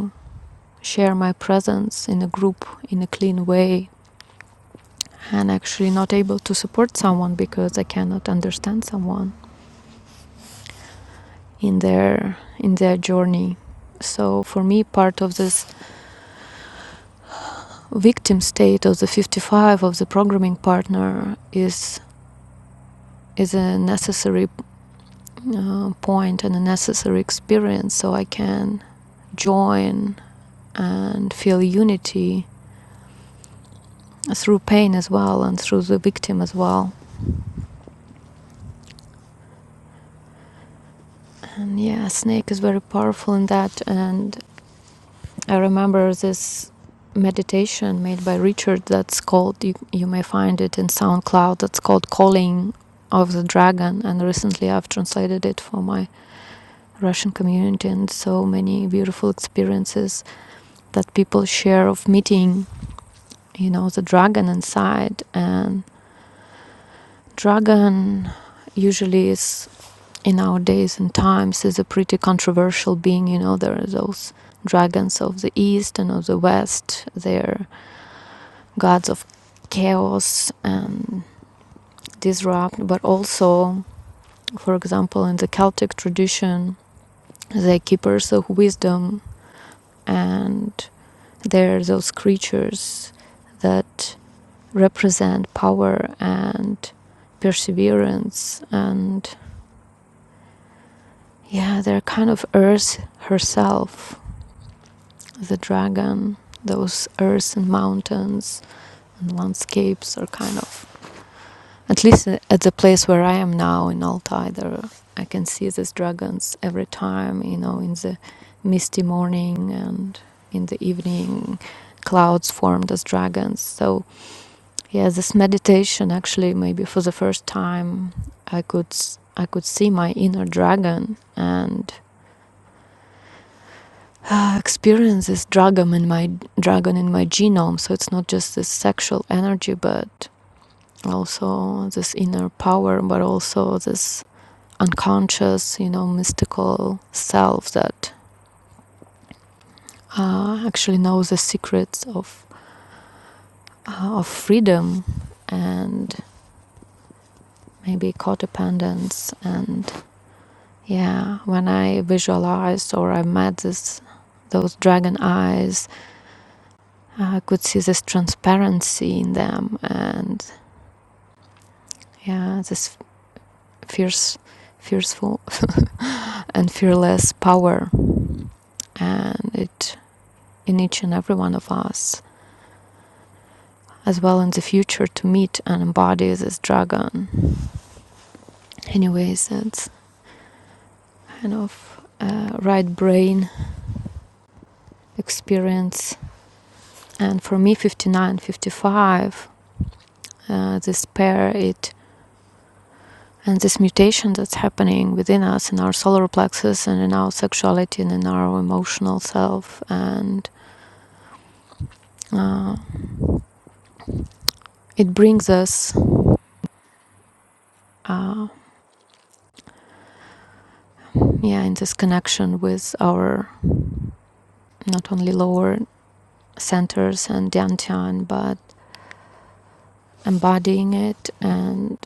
[SPEAKER 2] share my presence in a group in a clean way and actually not able to support someone because I cannot understand someone in their in their journey. So for me part of this victim state of the 55 of the programming partner is is a necessary uh, point and a necessary experience so I can join and feel unity through pain as well and through the victim as well And yeah, snake is very powerful in that. And I remember this meditation made by Richard that's called, you, you may find it in SoundCloud, that's called Calling of the Dragon. And recently I've translated it for my Russian community and so many beautiful experiences that people share of meeting, you know, the dragon inside. And dragon usually is in our days and times is a pretty controversial being. You know, there are those dragons of the east and of the west. They're gods of chaos and disrupt, but also, for example, in the Celtic tradition, they're keepers of wisdom, and they're those creatures that represent power and perseverance and yeah they're kind of earth herself the dragon, those earth and mountains and landscapes are kind of. At least at the place where I am now in Altai, there I can see these dragons every time, you know, in the misty morning and in the evening, clouds formed as dragons. So yeah, this meditation actually maybe for the first time I could I could see my inner dragon and uh, experience this dragon in my dragon in my genome. So it's not just this sexual energy, but also this inner power, but also this unconscious, you know, mystical self that uh, actually knows the secrets of uh, of freedom and maybe codependence. And yeah, when I visualized or I met this those dragon eyes, I could see this transparency in them and yeah this fierce fearful and fearless power and it in each and every one of us as well in the future to meet and embody this dragon anyways that's kind of uh, right brain experience and for me 59, 55, uh, this pair it and this mutation that's happening within us in our solar plexus and in our sexuality and in our emotional self and uh, it brings us uh, yeah, in this connection with our not only lower centers and dantian, but embodying it. And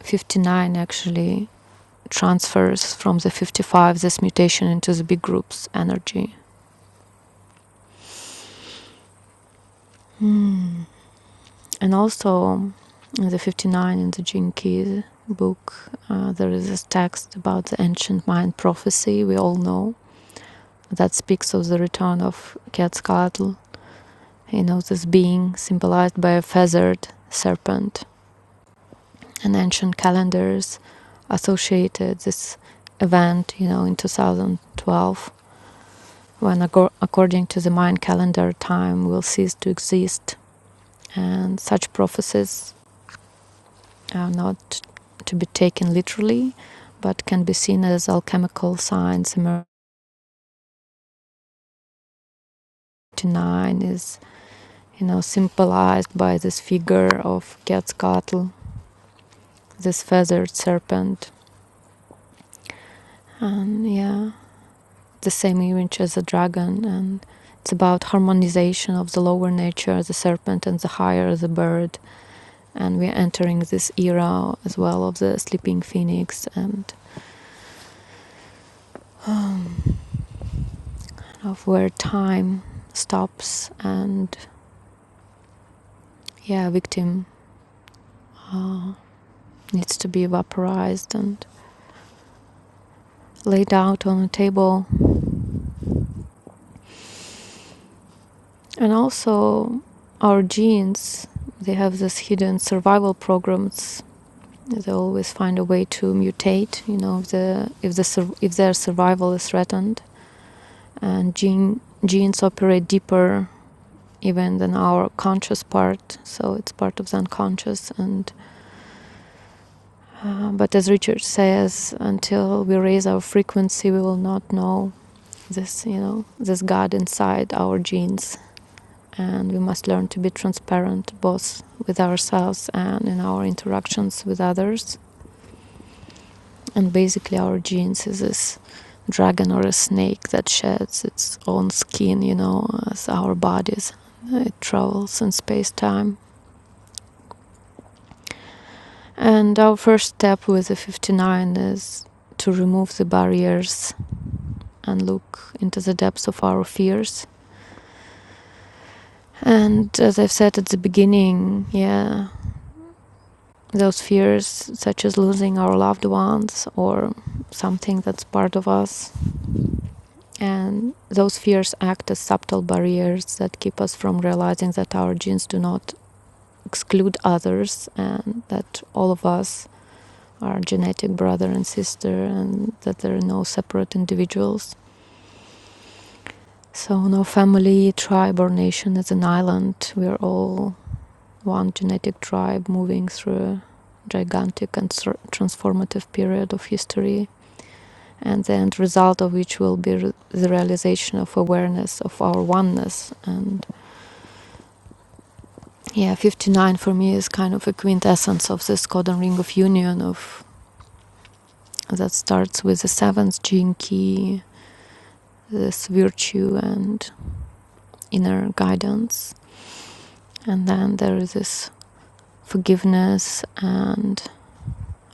[SPEAKER 2] 59 actually transfers from the 55 this mutation into the big group's energy. Mm. And also in the 59 in the Gene Keys book, uh, there is this text about the ancient Mayan prophecy we all know that speaks of the return of Quetzalcoatl You know, this being symbolized by a feathered serpent, and ancient calendars associated this event, you know, in 2012, when, ago- according to the Mayan calendar, time will cease to exist. And such prophecies are not to be taken literally, but can be seen as alchemical signs. Nine is, you know, symbolized by this figure of Quetzalcoatl, this feathered serpent. And yeah, the same image as a dragon and it's about harmonization of the lower nature the serpent and the higher the bird and we're entering this era as well of the sleeping phoenix and um, of where time stops and yeah victim uh, needs to be vaporized and laid out on a table and also our genes they have this hidden survival programs They always find a way to mutate. You know, if the if the if their survival is threatened, and gene genes operate deeper even than our conscious part. So it's part of the unconscious. And uh, but as Richard says, until we raise our frequency, we will not know this. You know, this God inside our genes, and we must learn to be transparent both with ourselves and in our interactions with others And basically, our genes is this dragon or a snake that sheds its own skin, you know, as our bodies. It travels in space time. And our first step with the 59 is to remove the barriers and look into the depths of our fears. And as I've said at the beginning, yeah, those fears, such as losing our loved ones or something that's part of us, And those fears act as subtle barriers that keep us from realizing that our genes do not exclude others and that all of us are genetic brother and sister and that there are no separate individuals. So, no family, tribe, or nation is an island. We are all one genetic tribe moving through a gigantic and transformative period of history, and the end result of which will be the realization of awareness of our oneness and yeah 59 for me is kind of a quintessence of this codon ring of union of that starts with the seventh gene key this virtue and inner guidance and then there is this forgiveness and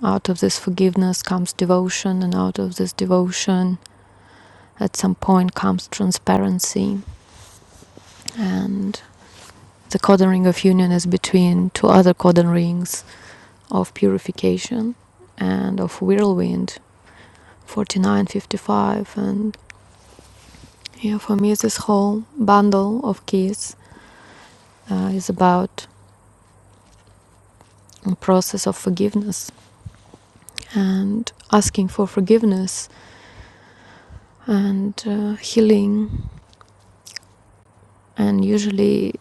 [SPEAKER 2] out of this forgiveness comes devotion and out of this devotion at some point comes transparency and the codon ring of union is between two other codon rings of purification and of whirlwind 49.55. And yeah, for me, this whole bundle of keys uh, is about a process of forgiveness and asking for forgiveness and uh, healing. And usually,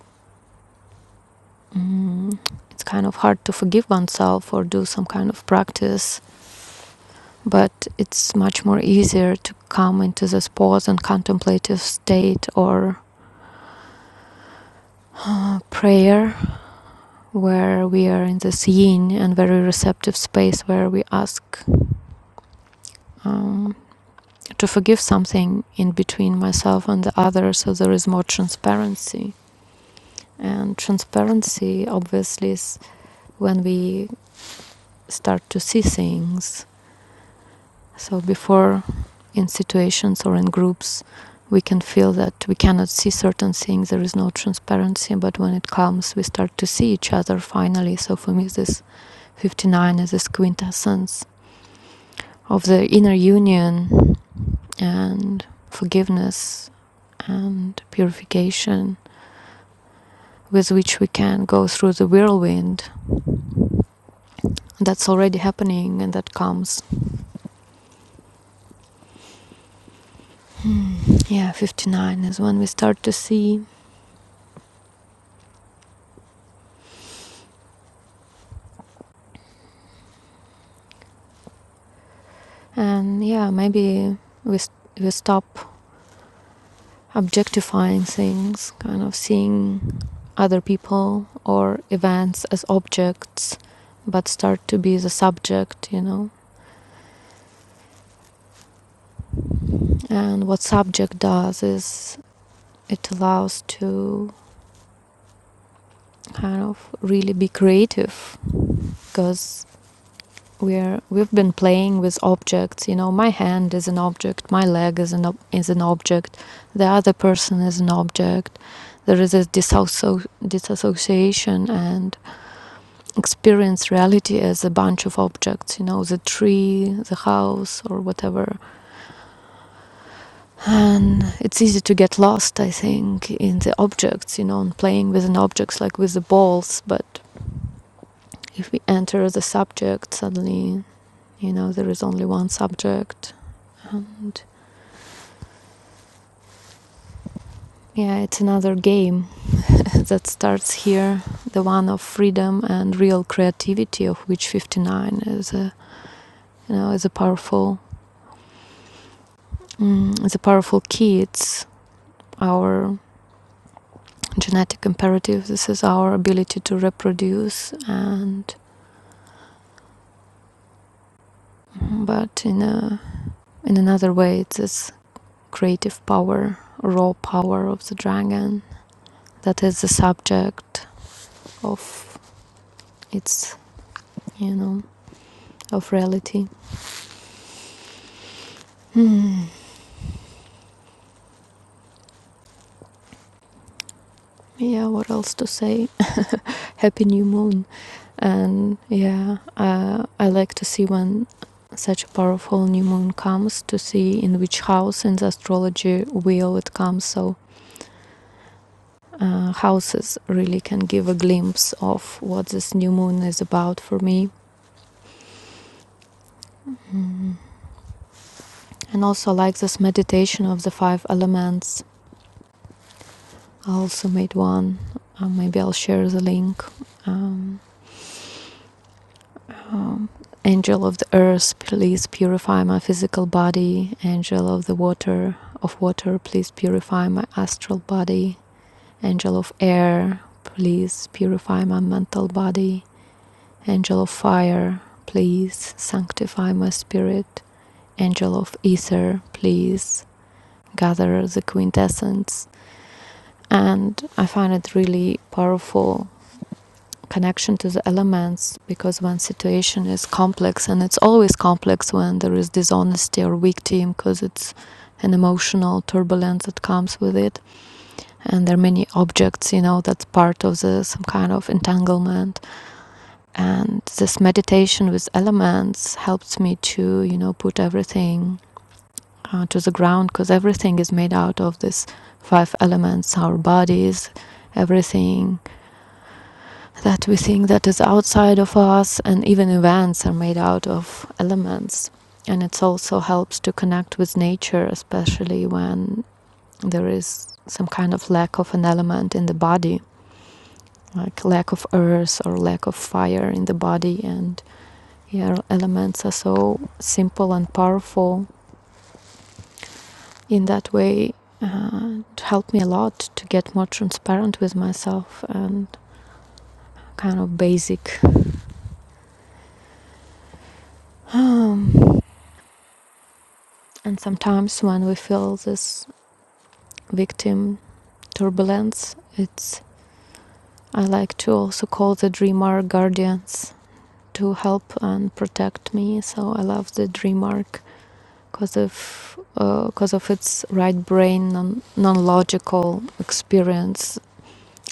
[SPEAKER 2] mm, it's kind of hard to forgive oneself or do some kind of practice, but it's much more easier to come into this pause and contemplative state or prayer where we are in this yin and very receptive space where we ask um, to forgive something in between myself and the other so there is more transparency and transparency obviously is when we start to see things so before in situations or in groups we can feel that we cannot see certain things there is no transparency but when it comes we start to see each other finally so for me this 59 is this quintessence of the inner union and forgiveness and purification with which we can go through the whirlwind that's already happening and that comes. Hmm, Yeah, 59 is when we start to see, and yeah, maybe we, st- we stop objectifying things, kind of seeing other people or events as objects, but start to be the subject, you know. And what subject does is it allows to kind of really be creative because we're we've been playing with objects you know my hand is an object my leg is an ob- is an object the other person is an object there is a disasso- disassociation and experience reality as a bunch of objects you know the tree the house or whatever and it's easy to get lost i think in the objects you know and playing with an objects like with the balls but if we enter the subject suddenly You know, there is only one subject. And yeah, it's another game that starts here the one of freedom and real creativity, of which 59 is a, you know, is a powerful. Mm, it's a powerful key. It's our genetic imperative. This is our ability to reproduce, and mm, but in a in another way, it's this creative power, raw power of the dragon that is the subject of its you know of reality. Hmm. Yeah, what else to say? Happy new moon. And yeah, uh, I like to see when such a powerful new moon comes to see in which house in the astrology wheel it comes. So uh, houses really can give a glimpse of what this new moon is about for me. Hmm. And also I like this meditation of the five elements. I also made one. Uh, maybe I'll share the link. Um, Um, Angel of the earth, please purify my physical body. Angel of the water, of water, please purify my astral body. Angel of air, please purify my mental body. Angel of fire, please sanctify my spirit. Angel of ether, please gather the quintessence. And I find it really powerful connection to the elements because when situation is complex and it's always complex when there is dishonesty or weak team because it's an emotional turbulence that comes with it and there are many objects you know that's part of the some kind of entanglement and this meditation with elements helps me to you know put everything uh, to the ground because everything is made out of this five elements our bodies everything that we think that is outside of us and even events are made out of elements and it also helps to connect with nature especially when there is some kind of lack of an element in the body like lack of earth or lack of fire in the body and yeah elements are so simple and powerful in that way uh, it helped me a lot to get more transparent with myself and kind of basic Um, And sometimes when we feel this victim turbulence, it's I like to also call the dream arc guardians to help and protect me. So I love the dream arc because of because uh, of its right brain non non logical experience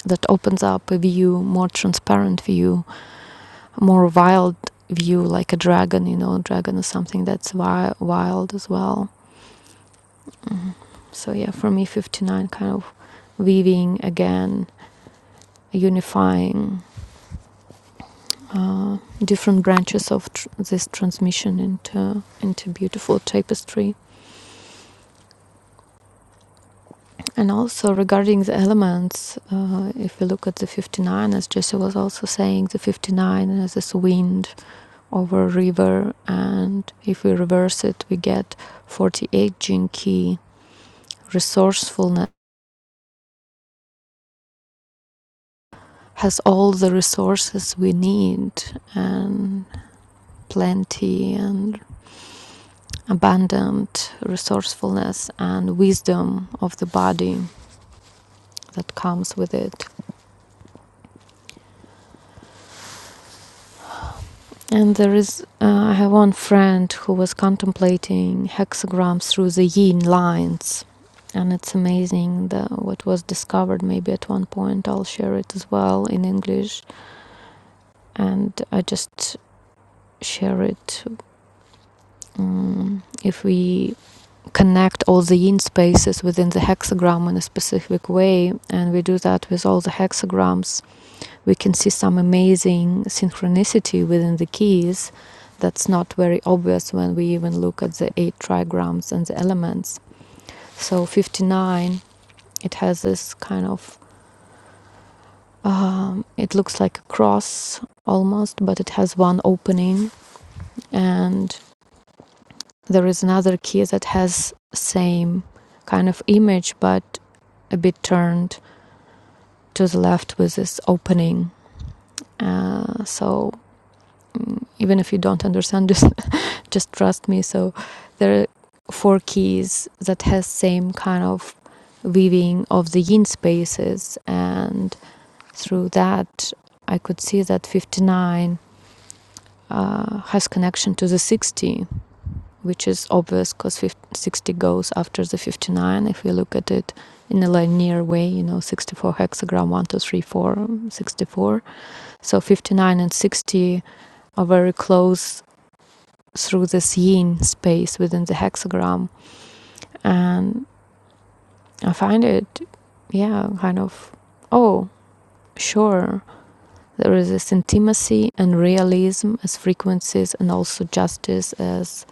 [SPEAKER 2] that opens up a view, more transparent view, more wild view, like a dragon. You know, dragon is something that's wi- wild as well. So yeah, for me, fifty nine kind of weaving again unifying uh, different branches of tr- this transmission into into beautiful tapestry. And also regarding the elements, uh, if we look at the 59, as Jesse was also saying, the 59 is this wind over a river, and if we reverse it, we get 48 Jinki. Resourcefulness has all the resources we need and plenty and abundant resourcefulness and wisdom of the body that comes with it. And there is, uh, I have one friend who was contemplating hexagrams through the yin lines. And it's amazing the, what was discovered. Maybe at one point I'll share it as well in English. And I just share it. Um, if we connect all the yin spaces within the hexagram in a specific way, and we do that with all the hexagrams, we can see some amazing synchronicity within the keys that's not very obvious when we even look at the eight trigrams and the elements. So 59, it has this kind of um, it looks like a cross almost, but it has one opening, and there is another key that has same kind of image, but a bit turned to the left with this opening. Uh, so mm, even if you don't understand just trust me so there are four keys that has same kind of weaving of the yin spaces and through that i could see that 59 uh, has connection to the 60 which is obvious because 60 goes after the 59 if we look at it in a linear way you know 64 hexagram 1 2 3 4 64 so 59 and 60 are very close through this yin space within the hexagram And I find it, yeah, kind of, oh, sure, there is this intimacy and realism as frequencies, and also justice as,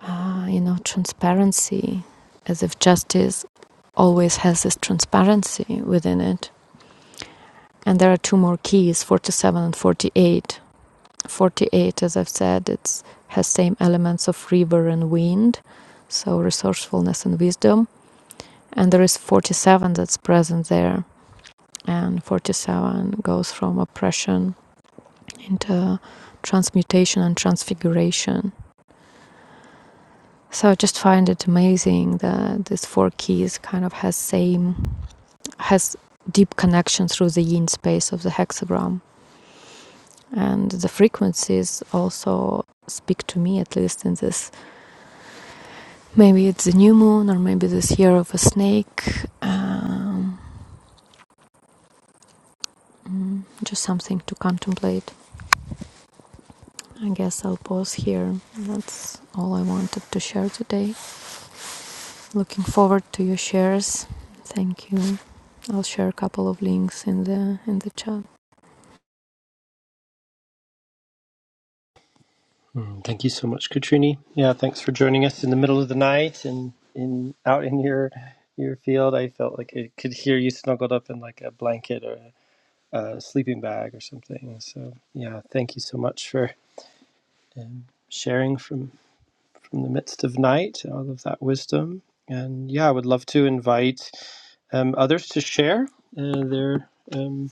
[SPEAKER 2] uh, you know, transparency, as if justice always has this transparency within it. And there are two more keys, 47 and 48. 48, as I've said, it has same elements of river and wind, so resourcefulness and wisdom. And there is 47 that's present there and 47 goes from oppression into transmutation and transfiguration so i just find it amazing that these four keys kind of has same has deep connection through the yin space of the hexagram and the frequencies also speak to me at least in this maybe it's the new moon or maybe this year of a snake um, mm, just something to contemplate I guess I'll pause here. That's all I wanted to share today. Looking forward to your shares. Thank you. I'll share a couple of links in the in the chat.
[SPEAKER 1] Mm, thank you so much, Katrini. Yeah, thanks for joining us in the middle of the night and in out in your your field. I felt like I could hear you snuggled up in like a blanket or a, a sleeping bag or something. So yeah, thank you so much for um, sharing from from the midst of night, all of that wisdom. And yeah, I would love to invite um, others to share uh, their um,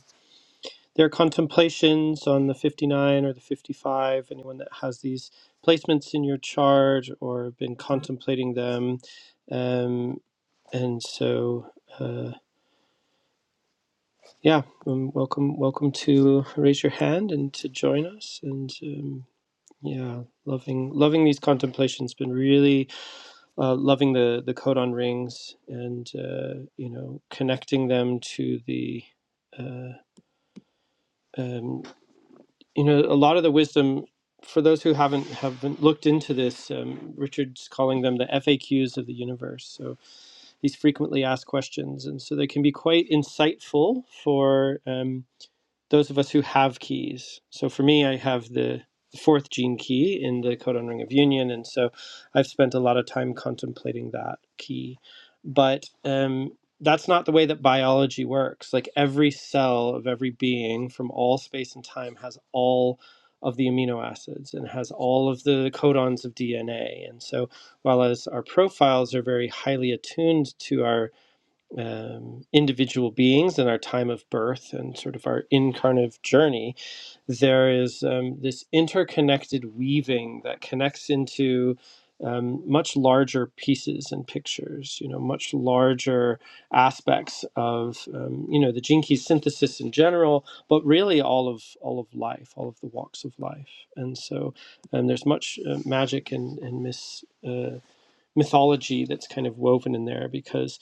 [SPEAKER 1] their contemplations on the 59 or the 55. Anyone that has these placements in your chart or been contemplating them, um, and so uh, yeah, um, welcome welcome to raise your hand and to join us. And um, yeah, loving loving these contemplations. Been really uh, loving the the codon rings and uh, you know connecting them to the uh, um, you know a lot of the wisdom for those who haven't haven't looked into this um, richard's calling them the faqs of the universe so these frequently asked questions and so they can be quite insightful for um, those of us who have keys. So for me, I have the fourth gene key in the codon ring of union, and so I've spent a lot of time contemplating that key. But um, that's not the way that biology works. Like every cell of every being from all space and time has all of the amino acids and has all of the codons of DNA. And so, while as our profiles are very highly attuned to our um, individual beings and our time of birth and sort of our incarnate journey, there is um, this interconnected weaving that connects into um, much larger pieces and pictures, you know, much larger aspects of, um, you know, the gene key synthesis in general, but really all of all of life, all of the walks of life. And so um, there's much uh, magic and, and mis, uh, mythology that's kind of woven in there because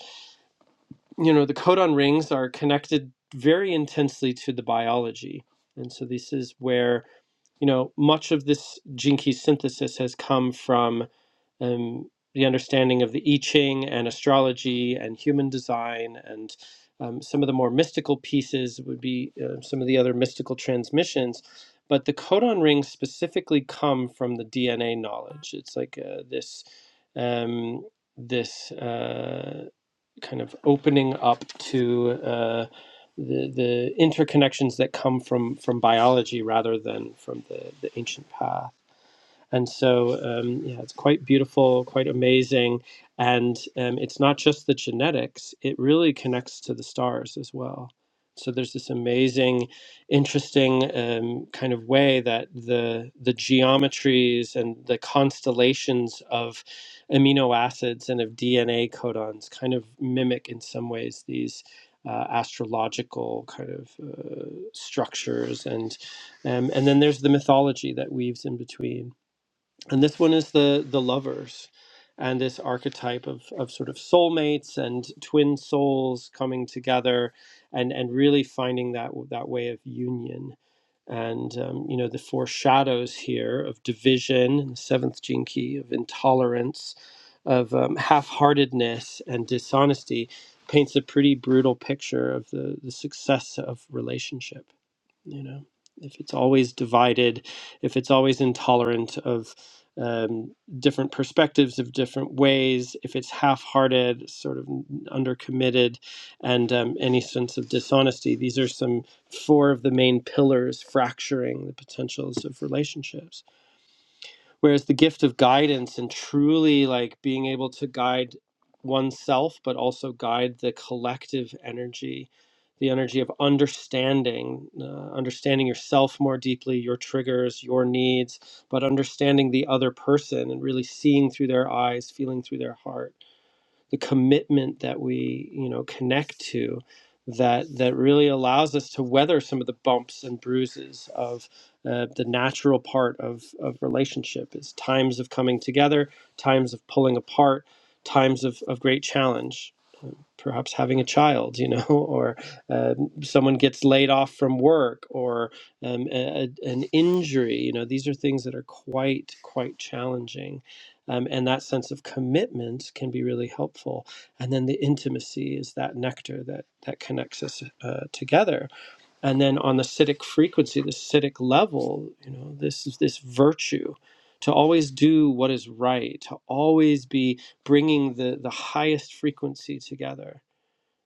[SPEAKER 1] you know, the codon rings are connected very intensely to the biology. And so this is where, you know, much of this gene key synthesis has come from um, the understanding of the I Ching and astrology and human design and um, some of the more mystical pieces would be uh, some of the other mystical transmissions. But the codon rings specifically come from the DNA knowledge. It's like uh, this um, this. Uh, kind of opening up to uh, the the interconnections that come from from biology rather than from the the ancient past. And so, um, yeah, it's quite beautiful, quite amazing. And um, it's not just the genetics, it really connects to the stars as well. So there's this amazing, interesting um, kind of way that the the geometries and the constellations of amino acids and of DNA codons kind of mimic in some ways these uh, astrological kind of uh, structures and um, and then there's the mythology that weaves in between and this one is the the lovers and this archetype of, of sort of soulmates and twin souls coming together and and really finding that that way of union and um, you know the four shadows here of division the seventh gene key of intolerance of um, half-heartedness and dishonesty paints a pretty brutal picture of the, the success of relationship you know if it's always divided if it's always intolerant of um, different perspectives of different ways if it's half-hearted sort of undercommitted and um, any sense of dishonesty these are some four of the main pillars fracturing the potentials of relationships whereas the gift of guidance and truly like being able to guide oneself but also guide the collective energy the energy of understanding uh, understanding yourself more deeply your triggers your needs but understanding the other person and really seeing through their eyes feeling through their heart the commitment that we you know connect to that that really allows us to weather some of the bumps and bruises of uh, the natural part of of relationship is times of coming together times of pulling apart times of, of great challenge perhaps having a child, you know, or um, someone gets laid off from work, or um, a, a- an injury. You know, these are things that are quite quite challenging, um, and that sense of commitment can be really helpful. And then the intimacy is that nectar that that connects us uh, together. And then on the citic frequency, the citic level, you know, this is this virtue. To always do what is right, to always be bringing the, the highest frequency together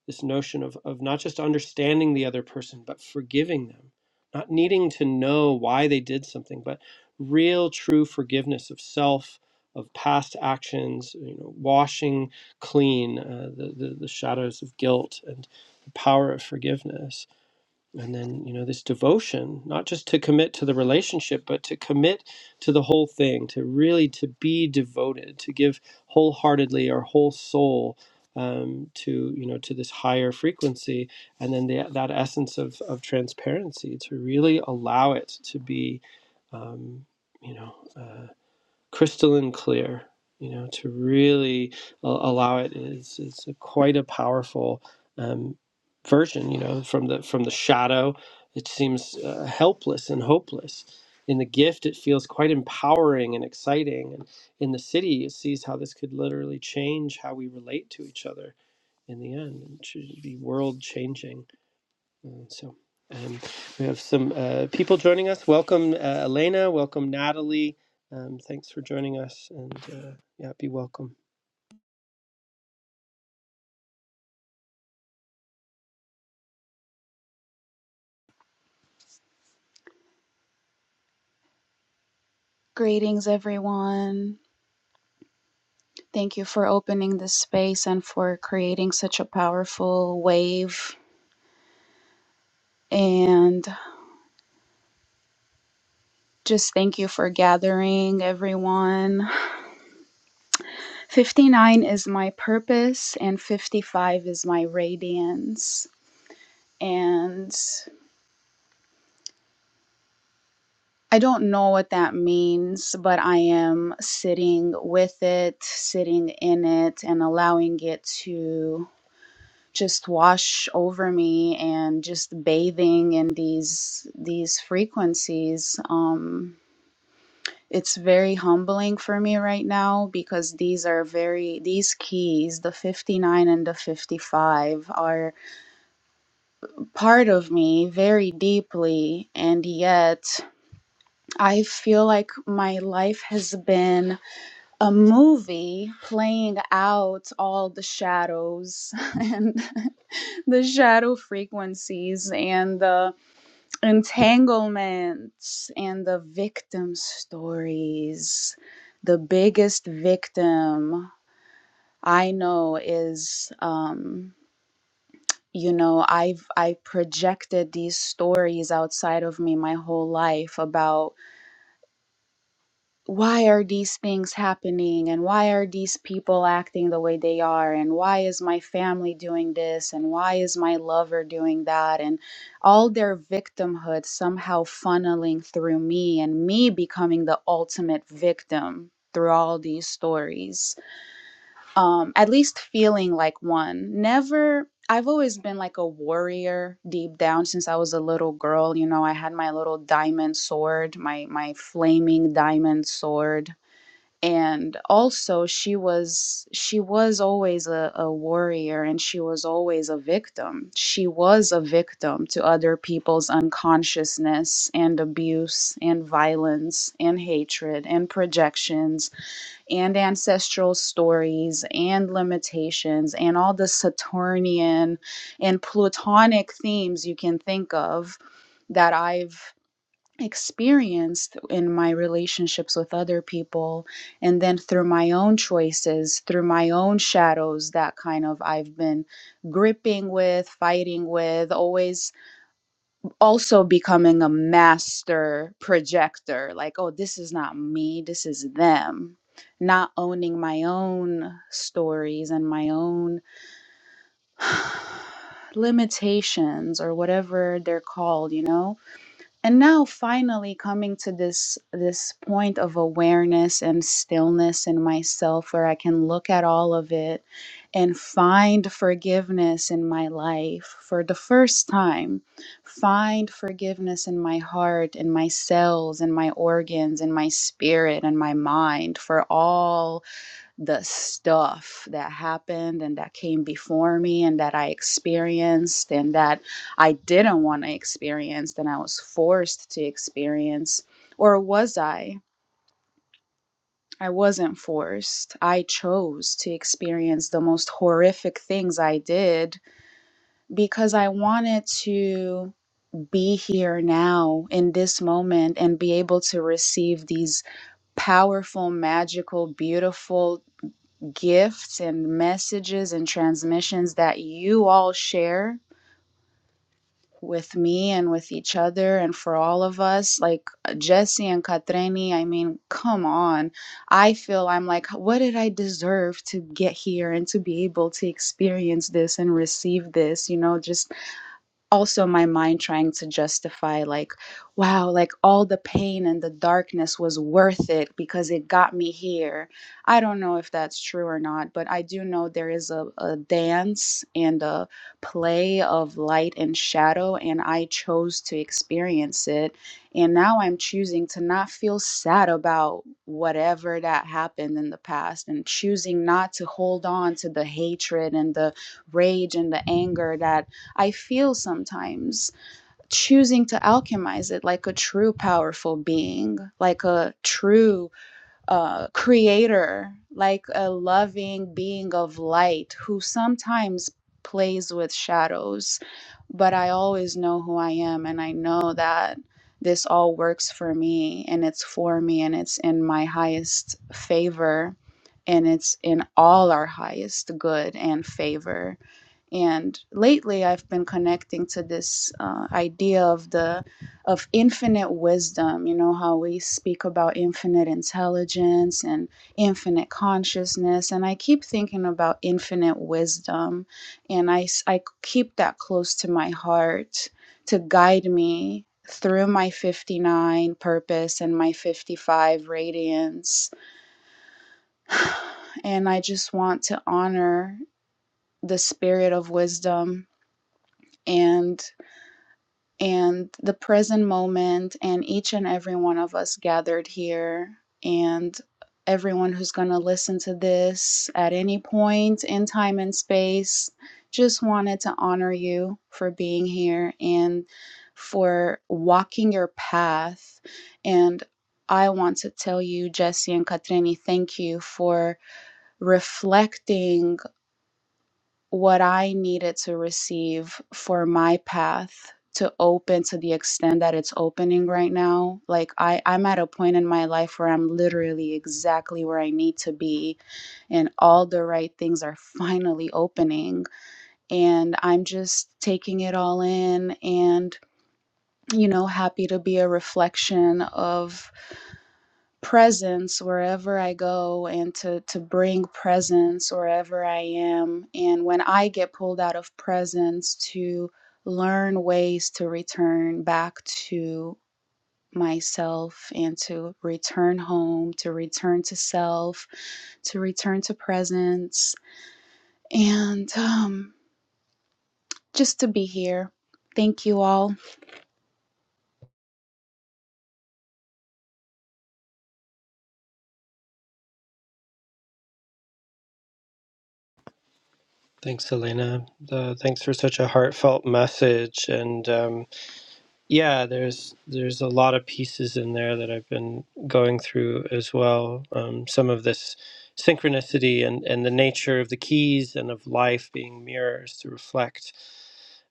[SPEAKER 1] this notion of, of not just understanding the other person, but forgiving them, not needing to know why they did something, but real, true forgiveness of self, of past actions, you know, washing clean uh, the, the, the shadows of guilt and the power of forgiveness and then you know this devotion not just to commit to the relationship but to commit to the whole thing to really to be devoted to give wholeheartedly our whole soul um, to you know to this higher frequency and then the, that essence of, of transparency to really allow it to be um, you know uh, crystalline clear you know to really allow it is is a quite a powerful um, version you know from the from the shadow it seems uh, helpless and hopeless in the gift it feels quite empowering and exciting and in the city it sees how this could literally change how we relate to each other in the end and should be world changing Mm, So um, we have some uh, people joining us. Welcome, uh, Elena. Welcome, Natalie. Um, thanks for joining us, and uh, yeah, be welcome.
[SPEAKER 3] Greetings, everyone. Thank you for opening this space and for creating such a powerful wave. And just thank you for gathering, everyone. 59 is my purpose, and 55 is my radiance. And I don't know what that means, but I am sitting with it, sitting in it, and allowing it to. just wash over me and just bathing in these these frequencies um it's very humbling for me right now because these are very these keys the 59 and the 55 are part of me very deeply and yet i feel like my life has been a movie playing out all the shadows and the shadow frequencies and the. entanglements and the victim stories. The biggest victim I know is, um, you know, I've I projected these stories outside of me my whole life about why are these things happening and why are these people acting the way they are and why is my family doing this and why is my lover doing that and all their victimhood somehow funneling through me and me becoming the ultimate victim through all these stories um at least feeling like one never I've always been like a warrior deep down since I was a little girl. You know, I had my little diamond sword, my my flaming diamond sword and also she was she was always a, a warrior and she was always a victim she was a victim to other people's unconsciousness and abuse and violence and hatred and projections and ancestral stories and limitations and all the saturnian and plutonic themes you can think of that i've experienced in my relationships with other people and then through my own choices through my own shadows that kind of i've been gripping with fighting with always also becoming a master projector like oh this is not me this is them not owning my own stories and my own limitations or whatever they're called you know and now finally coming to this this point of awareness and stillness in myself where i can look at all of it and find forgiveness in my life for the first time find forgiveness in my heart in my cells in my organs in my spirit and my mind for all the stuff that happened and that came before me and that I experienced and that I didn't want to experience and I was forced to experience. Or was I? I wasn't forced. I chose to experience the most horrific things I did because I wanted to be here now in this moment and be able to receive these powerful, magical, beautiful gifts and messages and transmissions that you all share with me and with each other and for all of us like uh, Jesse and Katreni I mean come on I feel I'm like what did I deserve to get here and to be able to experience this and receive this you know just also my mind trying to justify like wow like all the pain and the darkness was worth it because it got me here i don't know if that's true or not but i do know there is a, a dance and a play of light and shadow and i chose to experience it and now i'm choosing to not feel sad about whatever that happened in the past and choosing not to hold on to the hatred and the rage and the anger that I feel sometimes choosing to alchemize it like a true powerful being, like a true uh, creator, like a loving being of light who sometimes plays with shadows. But I always know who I am, and I know that this all works for me, and it's for me, and it's in my highest favor, and it's in all our highest good and favor and lately i've been connecting to this uh, idea of the of infinite wisdom you know how we speak about infinite intelligence and infinite consciousness and i keep thinking about infinite wisdom and I I keep that close to my heart to guide me through my 59 purpose and my 55 radiance and i just want to honor the spirit of wisdom and and the present moment and each and every one of us gathered here and everyone who's going to listen to this at any point in time and space just wanted to honor you for being here and for walking your path and I want to tell you, Jesse and Katrini, thank you for reflecting what I needed to receive for my path to open to the extent that it's opening right now. Like I, I'm at a point in my life where I'm literally exactly where I need to be and all the right things are finally opening. And I'm just taking it all in and, you know, happy to be a reflection of presence wherever I go and to to bring presence wherever I am and when I get pulled out of presence to learn ways to return back to myself and to return home to return to self to return to presence and um just to be here thank you all
[SPEAKER 1] Thanks, Elena. Uh, thanks for such a heartfelt message, and um, Yeah, there's there's a lot of pieces in there that I've been going through as well. Um, some of this synchronicity and and the nature of the keys and of life being mirrors to reflect.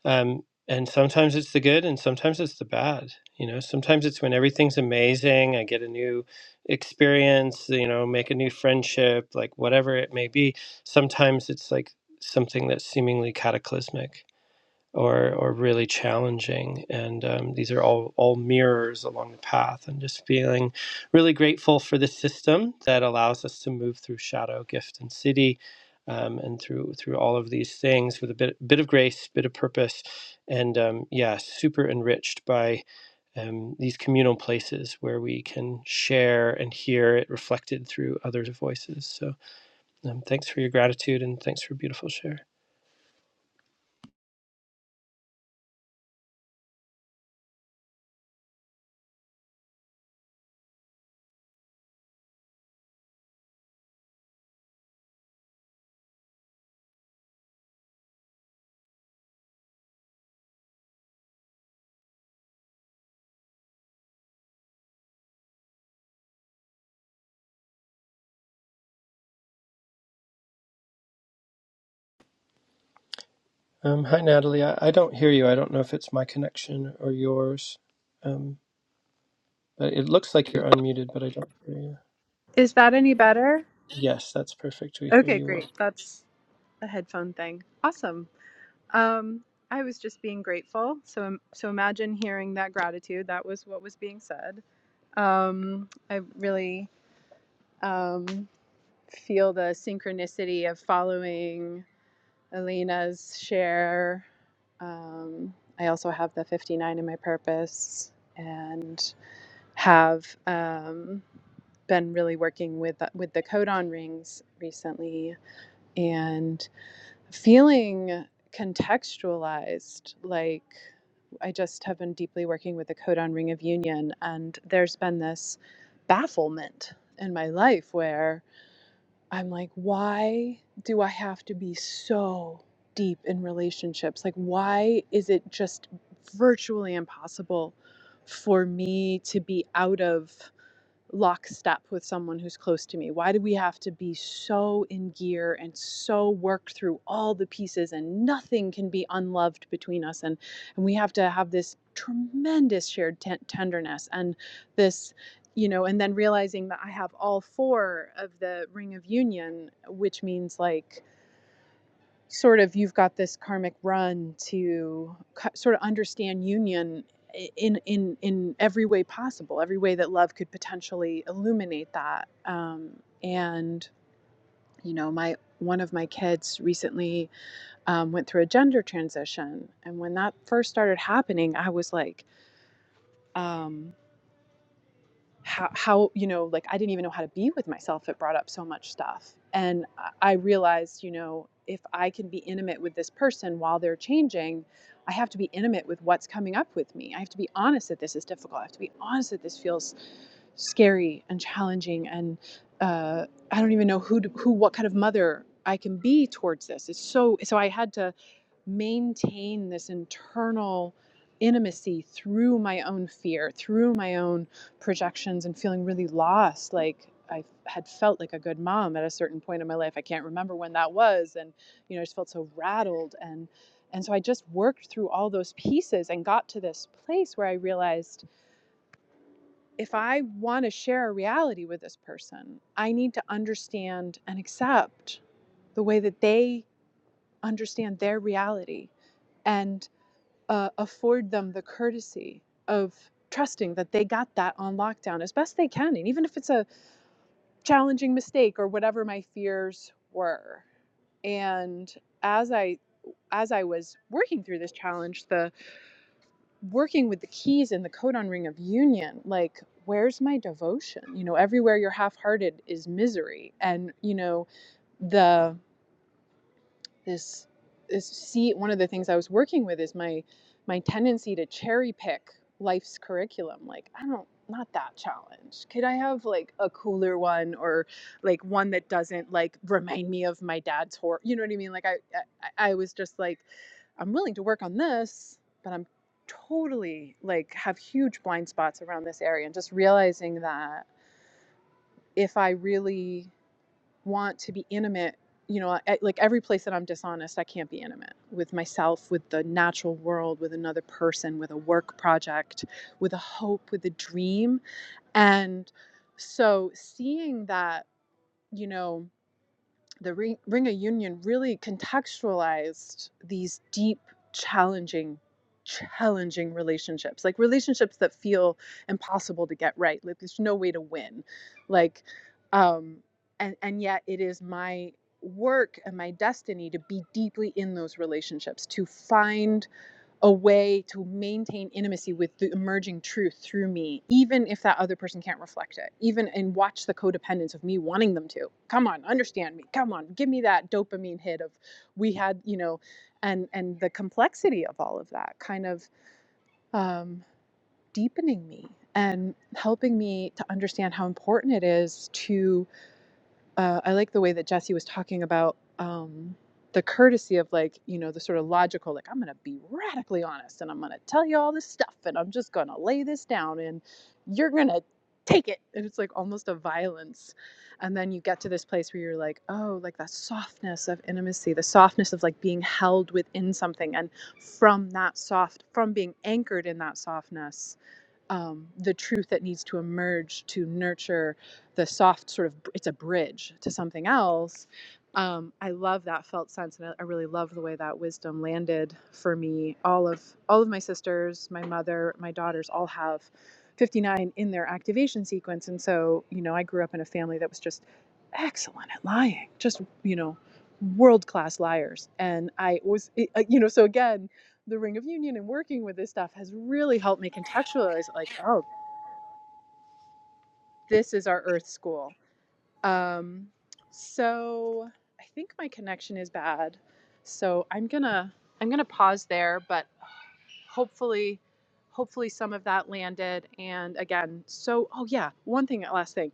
[SPEAKER 1] Um, and sometimes it's the good, and sometimes it's the bad. You know, sometimes it's when everything's amazing. I get a new experience. You know, make a new friendship, like whatever it may be. Sometimes it's like something that's seemingly cataclysmic or or really challenging. And um, these are all all mirrors along the path. And just feeling really grateful for the system that allows us to move through shadow, gift, and city, um, and through through all of these things with a bit bit of grace, bit of purpose, and um, yeah, super enriched by um, these communal places where we can share and hear it reflected through others' voices. So um, thanks for your gratitude and thanks for a beautiful share. Um, hi, Natalie. I, I don't hear you. I don't know if it's my connection or yours. Um, but it looks like you're unmuted, but I don't hear you.
[SPEAKER 4] Is that any better?
[SPEAKER 1] Yes, that's perfect. We hear
[SPEAKER 4] Okay,
[SPEAKER 1] you
[SPEAKER 4] great.
[SPEAKER 1] well.
[SPEAKER 4] That's a headphone thing. Awesome. Um, I was just being grateful. So, so imagine hearing that gratitude. That was what was being said. Um, I really um, feel the synchronicity of following Alina's share. Um, I also have the 59 in my purpose and have um, been really working with with the codon rings recently and. feeling contextualized like i just have been deeply working with the code on ring of union and there's been this bafflement in my life where i'm like why do i have to be so deep in relationships like why is it just virtually impossible for me to be out of lockstep with someone who's close to me? Why do we have to be so in gear and so worked through all the pieces and nothing can be unloved between us? And, and we have to have this tremendous shared ten- tenderness and this, you know, and then realizing that I have all four of the ring of union, which means like, sort of you've got this karmic run to sort of understand union in in in every way possible every way that love could potentially illuminate that um, and you know my one of my kids recently um, went through a gender transition and when that first started happening i was like um, how how you know like i didn't even know how to be with myself it brought up so much stuff and i realized you know if i can be intimate with this person while they're changing i have to be intimate with what's coming up with me i have to be honest that this is difficult i have to be honest that this feels scary and challenging and uh, i don't even know who to, who what kind of mother i can be towards this it's so so i had to maintain this internal intimacy through my own fear, through my own projections, and feeling really lost. Like I had felt like a good mom at a certain point in my life. I can't remember when that was, and you know, I just felt so rattled and and so I just worked through all those pieces and got to this place where I realized if I want to share a reality with this person, I need to understand and accept the way that they understand their reality. And uh, afford them the courtesy of trusting that they got that on lockdown as best they can. And even if it's a challenging mistake or whatever my fears were. And as I as I was working through this challenge, the working with the keys in the codon ring of union, like where's my devotion? You know, everywhere you're half-hearted is misery. And you know, the. this is see one of the things I was working with is my my tendency to cherry pick life's curriculum. Like I don't not that challenge. Could I have like a cooler one or like one that doesn't like remind me of my dad's horror? You know what I mean? Like I I, I was just like I'm willing to work on this, but I'm totally like have huge blind spots around this area and just realizing that if I really want to be intimate you know at, like every place that i'm dishonest i can't be intimate with myself with the natural world with another person with a work project with a hope with a dream and so seeing that you know the Ring, Ring of Union really contextualized these deep, challenging, challenging relationships, like relationships that feel impossible to get right. Like there's no way to win. Like, um, and and yet it is my work and my destiny to be deeply in those relationships, to find a way to maintain intimacy with the emerging truth through me, even if that other person can't reflect it, even and watch the codependence of me wanting them to. Come on, understand me. Come on, give me that dopamine hit of we had, you know, and and the complexity of all of that kind of um, deepening me and helping me to understand how important it is to uh, I like the way that Jesse was talking about um, the courtesy of like, you know, the sort of logical, like, I'm going to be radically honest and I'm going to tell you all this stuff and I'm just going to lay this down and you're going to take it. And it's like almost a violence. And then you get to this place where you're like, oh, like that softness of intimacy, the softness of like being held within something. And from that soft, from being anchored in that softness, um, the truth that needs to emerge to nurture the soft sort of it's a bridge to something else um, i love that felt sense and I, I really love the way that wisdom landed for me all of all of my sisters my mother my daughters all have 59 in their activation sequence and so you know i grew up in a family that was just excellent at lying just you know world class liars and i was uh, you know so again the Ring of Union and working with this stuff has really helped me contextualize like, oh, this is our Earth school. Um, so I think my connection is bad. So I'm gonna I'm gonna pause there, but hopefully hopefully some of that landed and again so oh yeah one thing last thing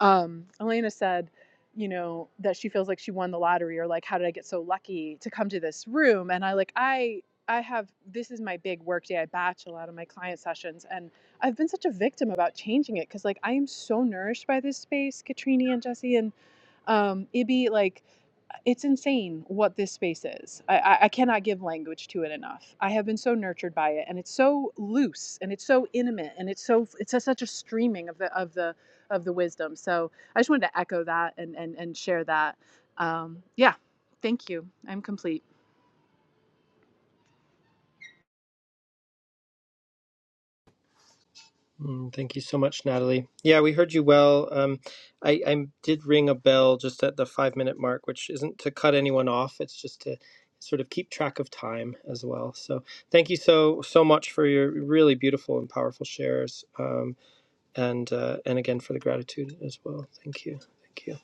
[SPEAKER 4] um, Elena said, you know, that she feels like she won the lottery or like, how did I get so lucky to come to this room? And I like, I, I have, this is my big work day. I batch a lot of my client sessions and I've been such a victim about changing it. Cause like, I am so nourished by this space, Katrini and Jesse and, um, Ibby, like it's insane what this space is. I, I, I cannot give language to it enough. I have been so nurtured by it, and it's so loose, and it's so intimate, and it's so it's a, such a streaming of the of the of the wisdom. So I just wanted to echo that and and and share that. Um, yeah, thank you. I'm complete.
[SPEAKER 1] Mm, thank you so much, Natalie. Yeah, we heard you well. Um, I, I did ring a bell just at the five minute mark, which isn't to cut anyone off. It's just to sort of keep track of time as well. So thank you so so much for your really beautiful and powerful shares, um, and uh, and again for the gratitude as well. Thank you. Thank you.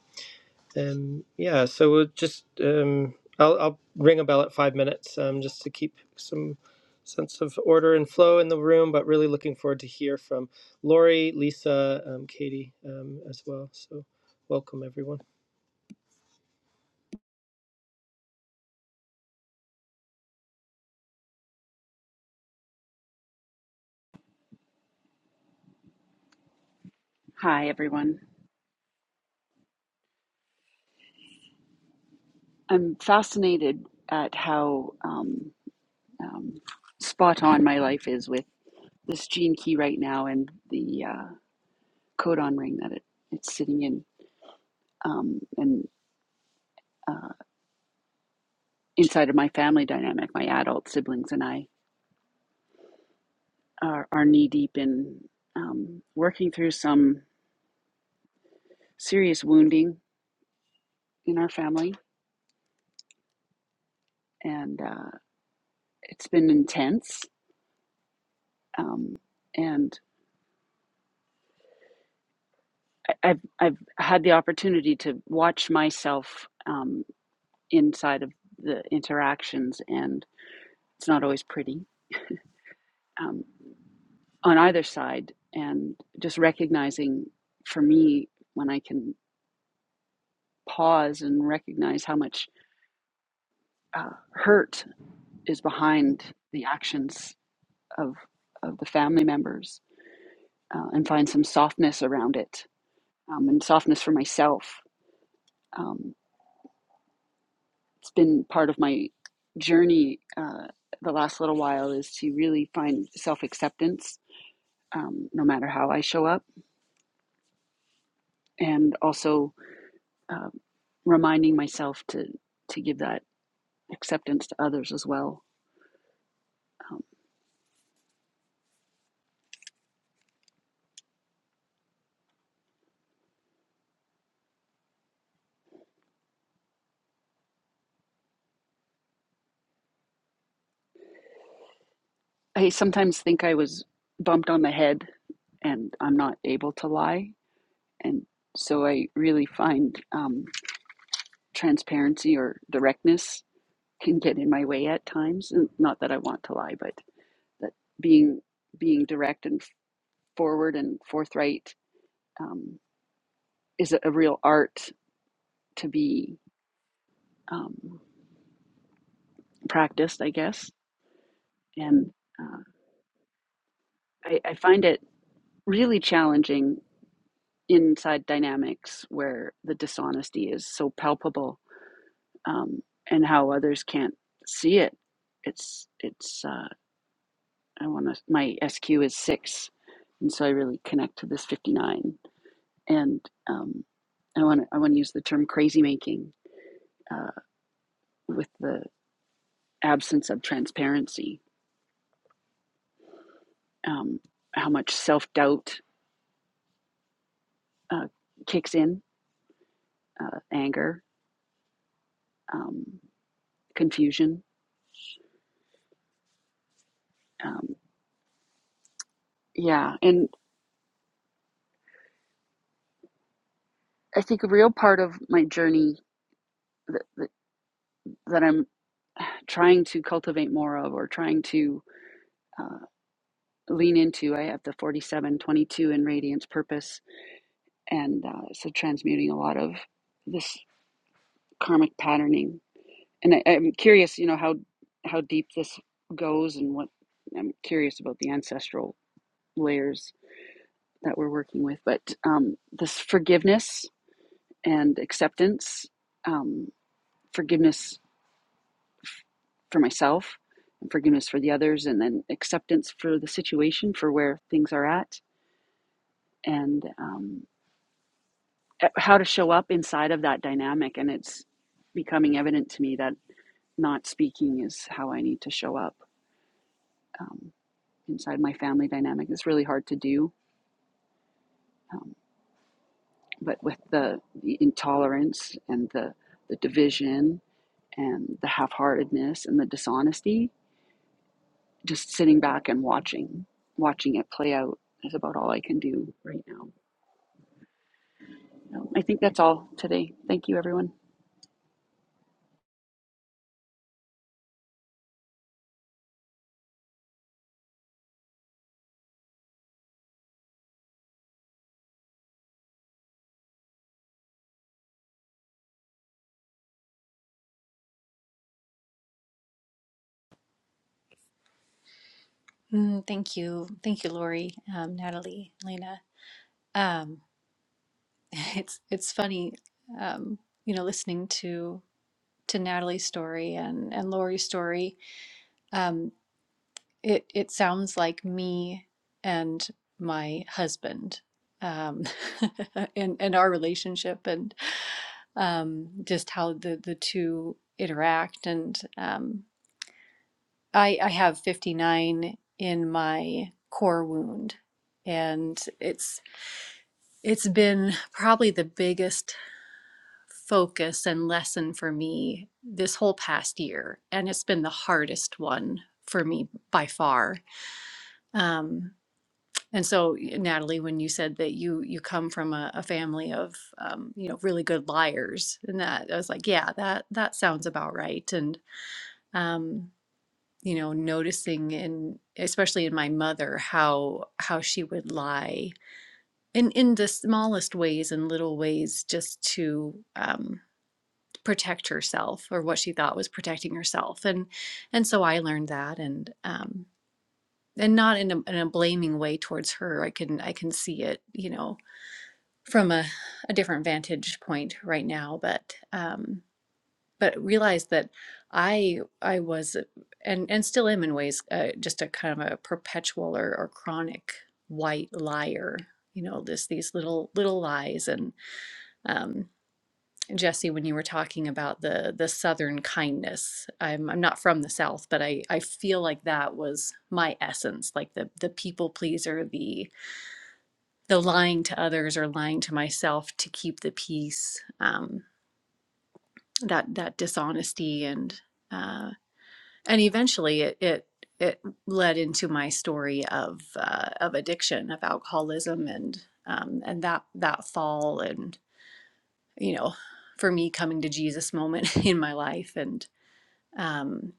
[SPEAKER 1] Um, yeah, so we'll just um, I'll, I'll ring a bell at five minutes um, just to keep some sense of order and flow in the room. But really looking forward to hear from Lori, Lisa, um, Katie um, as well. So welcome everyone.
[SPEAKER 5] Hi, everyone. I'm fascinated at how um, um, spot on my life is with this gene key right now and the uh, codon ring that it, it's sitting in. Um, and uh, inside of my family dynamic, my adult siblings and I are, are knee deep in um, working through some serious wounding in our family. And uh, it's been intense. Um, and I- I've I've had the opportunity to watch myself um, inside of the interactions, and it's not always pretty um, on either side. And just recognizing for me when I can pause and recognize how much uh, hurt is behind the actions of of the family members, uh, and find some softness around it, um, and softness for myself. Um, it's been part of my journey uh, the last little while is to really find self acceptance, um, no matter how I show up, and also uh, reminding myself to to give that acceptance to others as well. Um, I sometimes think I was bumped on the head, and I'm not able to lie, and so I really find um, transparency or directness can get in my way at times. And Not that I want to lie, but. that being being direct and forward and forthright um, is a, a real art to be um, practiced, I guess. And uh, I, I find it really challenging inside dynamics where the dishonesty is so palpable um, and how others can't see it. It's it's uh, I want to my SQ is six, and so I really connect to this fifty nine, and um, I want to I want to use the term crazy making uh, with the absence of transparency, um, how much self doubt uh, kicks in, uh, anger, um, confusion. Um, yeah, and I think a real part of my journey that, that, that I'm trying to cultivate more of or trying to uh, lean into, I have the 4722 in Radiance Purpose, and uh, so transmuting a lot of this karmic patterning And I, I'm curious, you know, how how deep this goes and what I'm curious about the ancestral layers that we're working with. But um, this forgiveness and acceptance, um, forgiveness for myself and forgiveness for the others, and then acceptance for the situation, for where things are at, and um, e, how to show up inside of that dynamic. And it's becoming evident to me that not speaking is how I need to show up Um, inside my family dynamic. It's really hard to do, um, but with the, the intolerance and the the division and the half-heartedness and the dishonesty, just sitting back and watching watching it play out is about all I can do right now. Um, I think that's all today. Thank you, everyone.
[SPEAKER 6] Mm, thank you, thank you, Lori, um, Natalie, Lena. Um, it's it's funny, um, you know, listening to to Natalie's story and and Lori's story. Um, it it sounds like me and my husband, um, and and our relationship, and um, just how the the two interact. And um, I I have fifty nine in my core wound and it's It's been probably the biggest focus and lesson for me this whole past year, and it's been the hardest one for me by far. Um, and so, Natalie, when you said that you you come from a, a family of um, you know really good liars, and that I was like, yeah, that that sounds about right. And um, you know, noticing in especially in my mother how how she would lie in in the smallest ways and little ways just to um, protect herself or what she thought was protecting herself and and so i learned that and um and not in a, in a blaming way towards her i can i can see it you know from a, a different vantage point right now but um but realize that i i was and and still am in ways uh, just a kind of a perpetual or, or chronic white liar you know this these little little lies and um, Jesse, when you were talking about the the Southern kindness, I'm I'm not from the South, but I I feel like that was my essence, like the the people pleaser, the the lying to others or lying to myself to keep the peace, um, that that dishonesty and uh, and eventually it it it led into my story of uh, of addiction, of alcoholism, and um, and that that fall and. you know, for me coming to Jesus moment in my life and um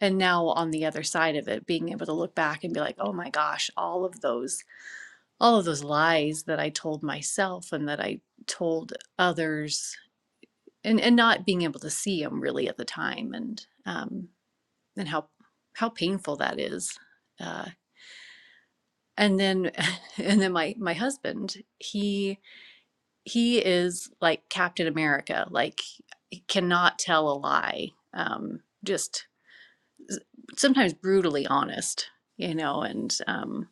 [SPEAKER 6] and now on the other side of it being able to look back and be like, "Oh my gosh, all of those all of those lies that I told myself and that I told others and and not being able to see them really at the time and um and how how painful that is." Uh and then and then my my husband, he he is like Captain America. Like cannot tell a lie. Um, just sometimes brutally honest, you know, and um,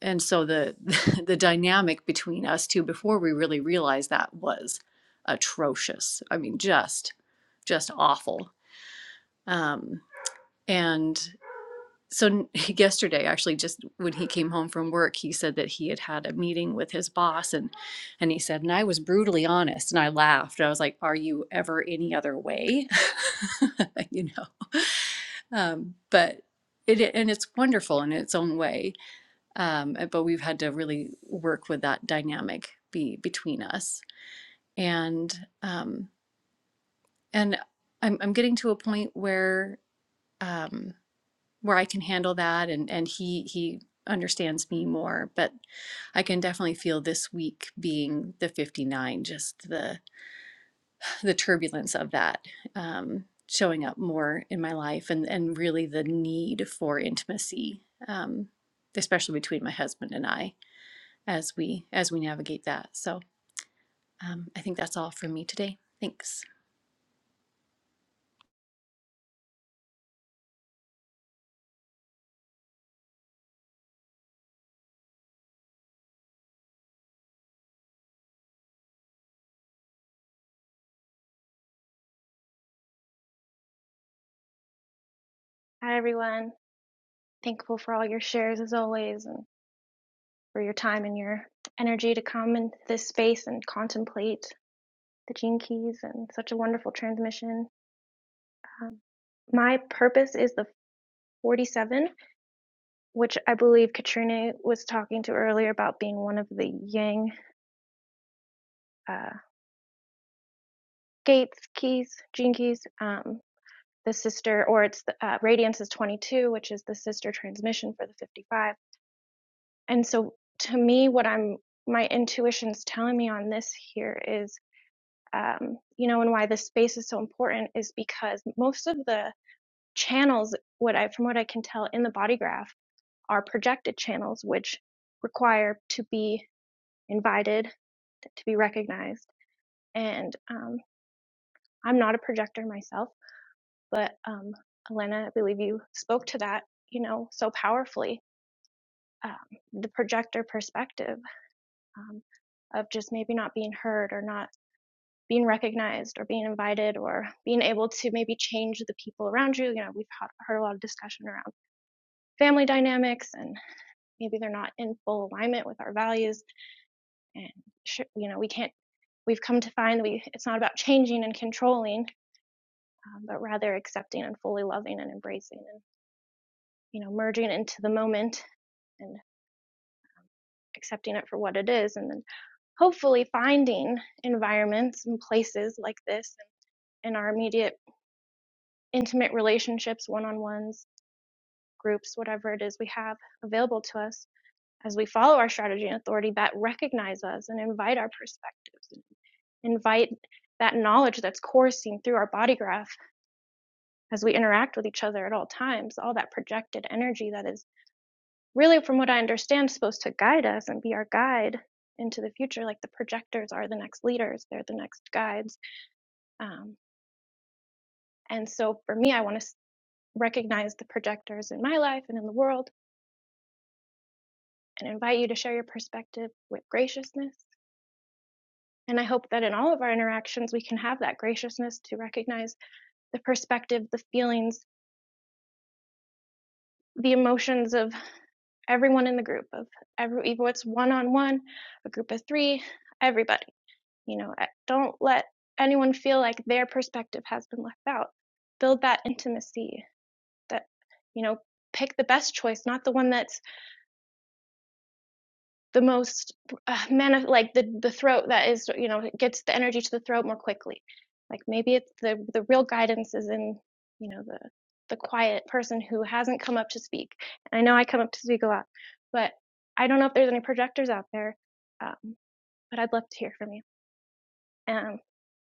[SPEAKER 6] and so the the dynamic between us two before we really realized that was atrocious. I mean, just just awful. Um, and so yesterday actually just when he came home from work he said that he had had a meeting with his boss and and he said and i was brutally honest and i laughed i was like are you ever any other way you know um, but it and it's wonderful in its own way um, uh, but we've had to really work with that dynamic be between us and um, and I'm, I'm getting to a point where um, where I can handle that and and he he understands me more but I can definitely feel this week being the 59 just the the turbulence of that um showing up more in my life and and really the need for intimacy um especially between my husband and I as we as we navigate that so um I think that's all from me today thanks
[SPEAKER 7] Hi, everyone. Thankful for all your shares as always and for your time and your energy to come into this space and contemplate the gene keys and such a wonderful transmission. Um, my purpose is the 47, which I believe Katrina was talking to earlier about being one of the yang uh, gates keys, gene keys. Um, the sister, or it's the, uh, Radiance is 22, which is the sister transmission for the 55 And so to me, what I'm, my intuition's telling me on this here is, um, you know, and why this space is so important is because most of the channels, what I, from what I can tell in the body graph are projected channels, which require to be invited, to be recognized. And, um, I'm not a projector myself, but, um, Elena, I believe you spoke to that, you know, so powerfully, um, the projector perspective um, of just maybe not being heard or not being recognized or being invited or being able to maybe change the people around you. You know, we've had, heard a lot of discussion around family dynamics and maybe they're not in full alignment with our values. And, sh- you know, we can't, we've come to find that we, it's not about changing and controlling, um, but rather accepting and fully loving and embracing and, you know, merging into the moment and accepting it for what it is. And then hopefully finding environments and places like this in our immediate intimate relationships, one on ones, groups, whatever it is we have available to us as we follow our strategy and authority that recognize us and invite our perspectives, invite that knowledge that's coursing through our body graph as we interact with each other at all times, all that projected energy that is really, from what I understand, supposed to guide us and be our guide into the future. Like the projectors are the next leaders, they're the next guides. Um, and so for me, I want to recognize the projectors in my life and in the world and invite you to share your perspective with graciousness. And I hope that in all of our interactions, we can have that graciousness to recognize the perspective, the feelings, the emotions of everyone in the group, of every, even what's one on one, a group of three, everybody. You know, eh, don't let anyone feel like their perspective has been left out. Build that intimacy that, you know, pick the best choice, not the one that's the most uh, manif- like the the throat that is you know gets the energy to the throat more quickly like maybe it's the the real guidance is in you know the the quiet person who hasn't come up to speak and i know i come up to speak a lot but i don't know if there's any projectors out there um, but i'd love to hear from you um,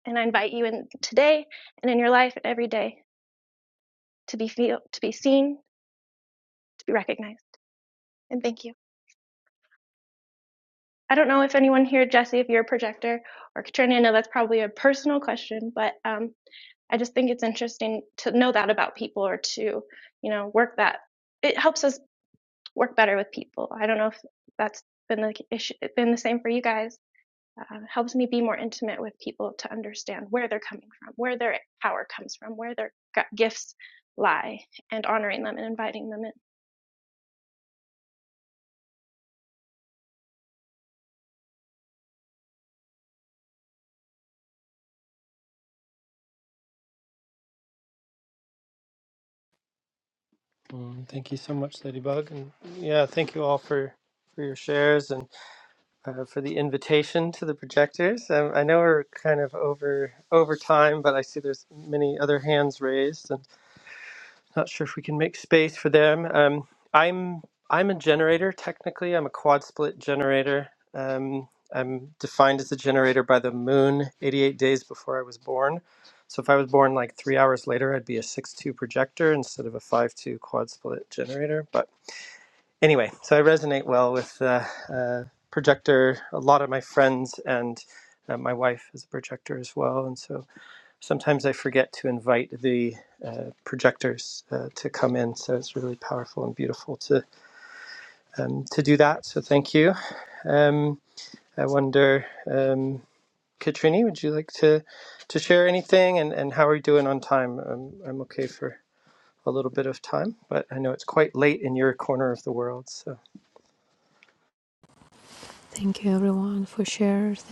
[SPEAKER 7] and i invite you in today and in your life and every day to be feel to be seen to be recognized and thank you I don't know if anyone here, Jesse, if you're a projector, or Katrina, I know that's probably a personal question, but um, I just think it's interesting to know that about people or to, you know, work that. It helps us work better with people. I don't know if that's been the issue, been the same for you guys. Uh, it helps me be more intimate with people to understand where they're coming from, where their power comes from, where their gifts lie, and honoring them and inviting them in.
[SPEAKER 1] Mm, thank you so much, Ladybug, and yeah, thank you all for for your shares and uh, for the invitation to the projectors. Um, I know we're kind of over over time, but I see there's many other hands raised, and. Not sure if we can make space for them. Um, I'm I'm a generator technically. I'm a quad split generator. Um, I'm defined as a generator by the moon 88 days before I was born. So if I was born like three hours later, I'd be a six-two projector instead of a five-two quad split generator. But anyway, so I resonate well with uh, uh, projector. A lot of my friends and uh, my wife is a projector as well, and so sometimes I forget to invite the uh, projectors uh, to come in. So it's really powerful and beautiful to um, to do that. So thank you. Um, I wonder, um, Katrini, would you like to to share anything? And and how are you doing on time? I'm I'm okay for a little bit of time, but I know it's quite late in your corner of the world. So
[SPEAKER 2] Thank you everyone for shares.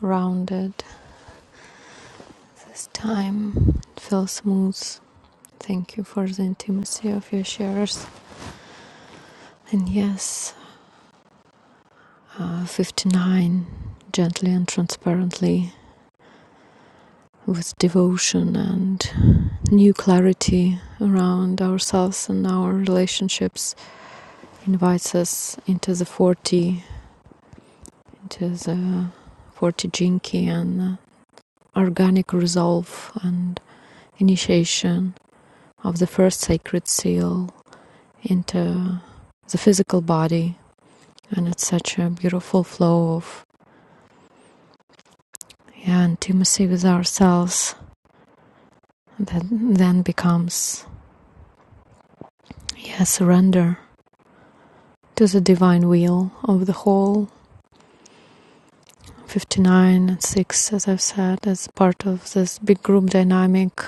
[SPEAKER 2] Rounded this time. It feels smooth. Thank you for the intimacy of your shares. And yes, uh, 59 gently and transparently with devotion and new clarity around ourselves and our relationships invites us into the 40, into the 40 Jinki and uh, organic resolve and initiation of the first sacred seal into the physical body. And it's such a beautiful flow of yeah, intimacy with ourselves that then becomes yeah, surrender to the divine will of the whole. 59 and 6, as I've said, as part of this big group dynamic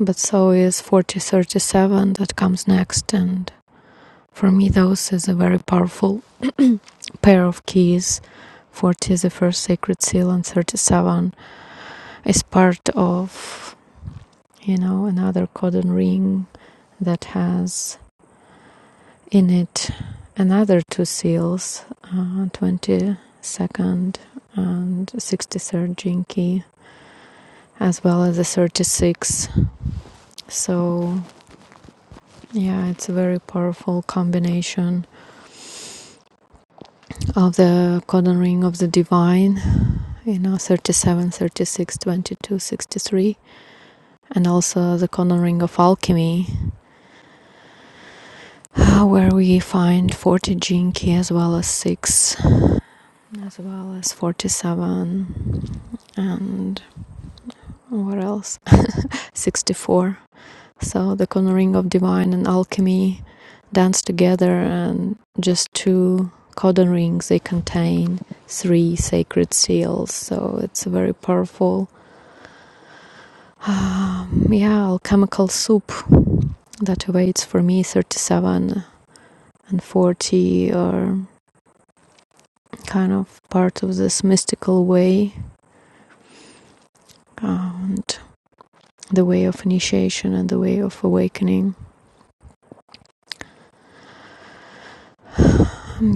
[SPEAKER 2] But so is 4037 that comes next, and for me, those is a very powerful pair of keys. 40 is the first sacred seal, and 37 is part of, you know, another codon ring that has in it another two seals, uh, 22nd and 63rd gene key, as well as the 36. So, yeah, it's a very powerful combination of the cornering of the divine, you know, 37, 36, 22, 63, and also the cornering of alchemy, uh, where we find 40 jinki as well as 6, as well as 47, and what else? 64. So the cornering of divine and alchemy dance together, and just two cordon rings they contain three sacred seals. So it's very powerful Um, yeah, alchemical soup that awaits for me 37 and 40 are kind of part of this mystical way uh, and the way of initiation and the way of awakening.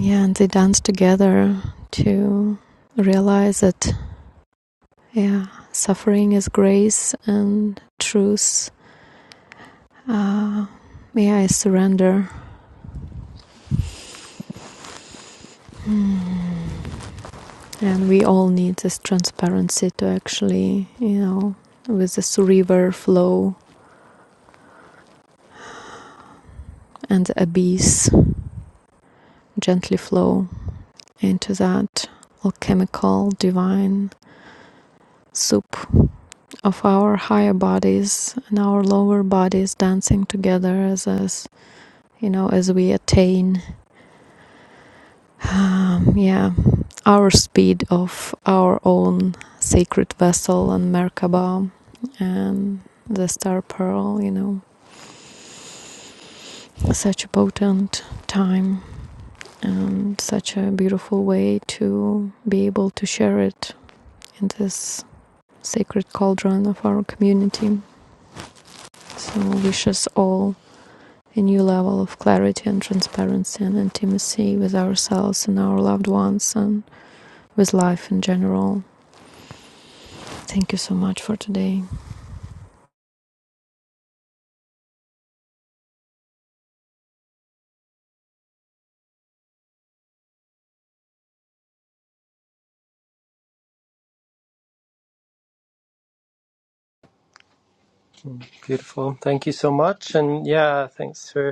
[SPEAKER 2] yeah, and they dance together to realize that, yeah, suffering is grace and truth. Uh, yeah, I surrender. Hmm. And we all need this transparency to actually, you know, with this river flow and the abyss gently flow into that alchemical divine soup of our higher bodies and our lower bodies dancing together as as you know as we attain um, yeah our speed of our own sacred vessel and merkaba and the star pearl you know such a potent time and such a beautiful way to be able to share it in this sacred cauldron of our community. So, wish us all a new level of clarity and transparency and intimacy with ourselves and our loved ones and with life in general. Thank you so much for today.
[SPEAKER 1] mm, beautiful. Thank you so much. And yeah, thanks for.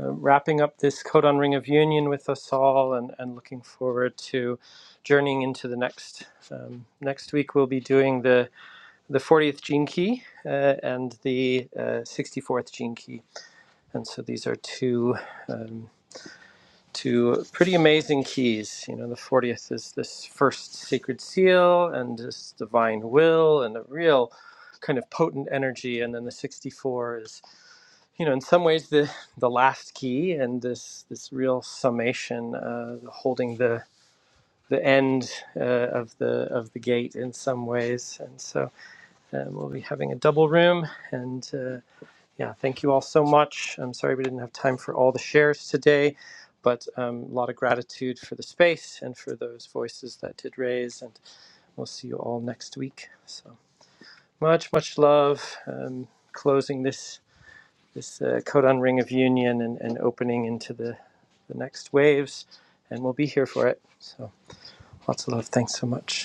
[SPEAKER 1] uh, wrapping up this Codon Ring of Union with us all, and, and looking forward to journeying into the next. Um, next week we'll be doing the the 40th gene key uh, and the uh, 64th gene key, and so these are two um, two pretty amazing keys. You know, the 40th is this first sacred seal and this divine will and a real kind of potent energy, and then the 64 is you know, in some ways, the the last key and this this real summation, uh, holding the the end uh, of the of the gate in some ways, and so um, we'll be having a double room. And uh, yeah, thank you all so much. I'm sorry we didn't have time for all the shares today, but um, a lot of gratitude for the space and for those voices that did raise. And we'll see you all next week. So much much love. Um, closing this this uh, codon ring of union and, and opening into the, the next waves. And we'll be here for it. So lots of love. Thanks so much.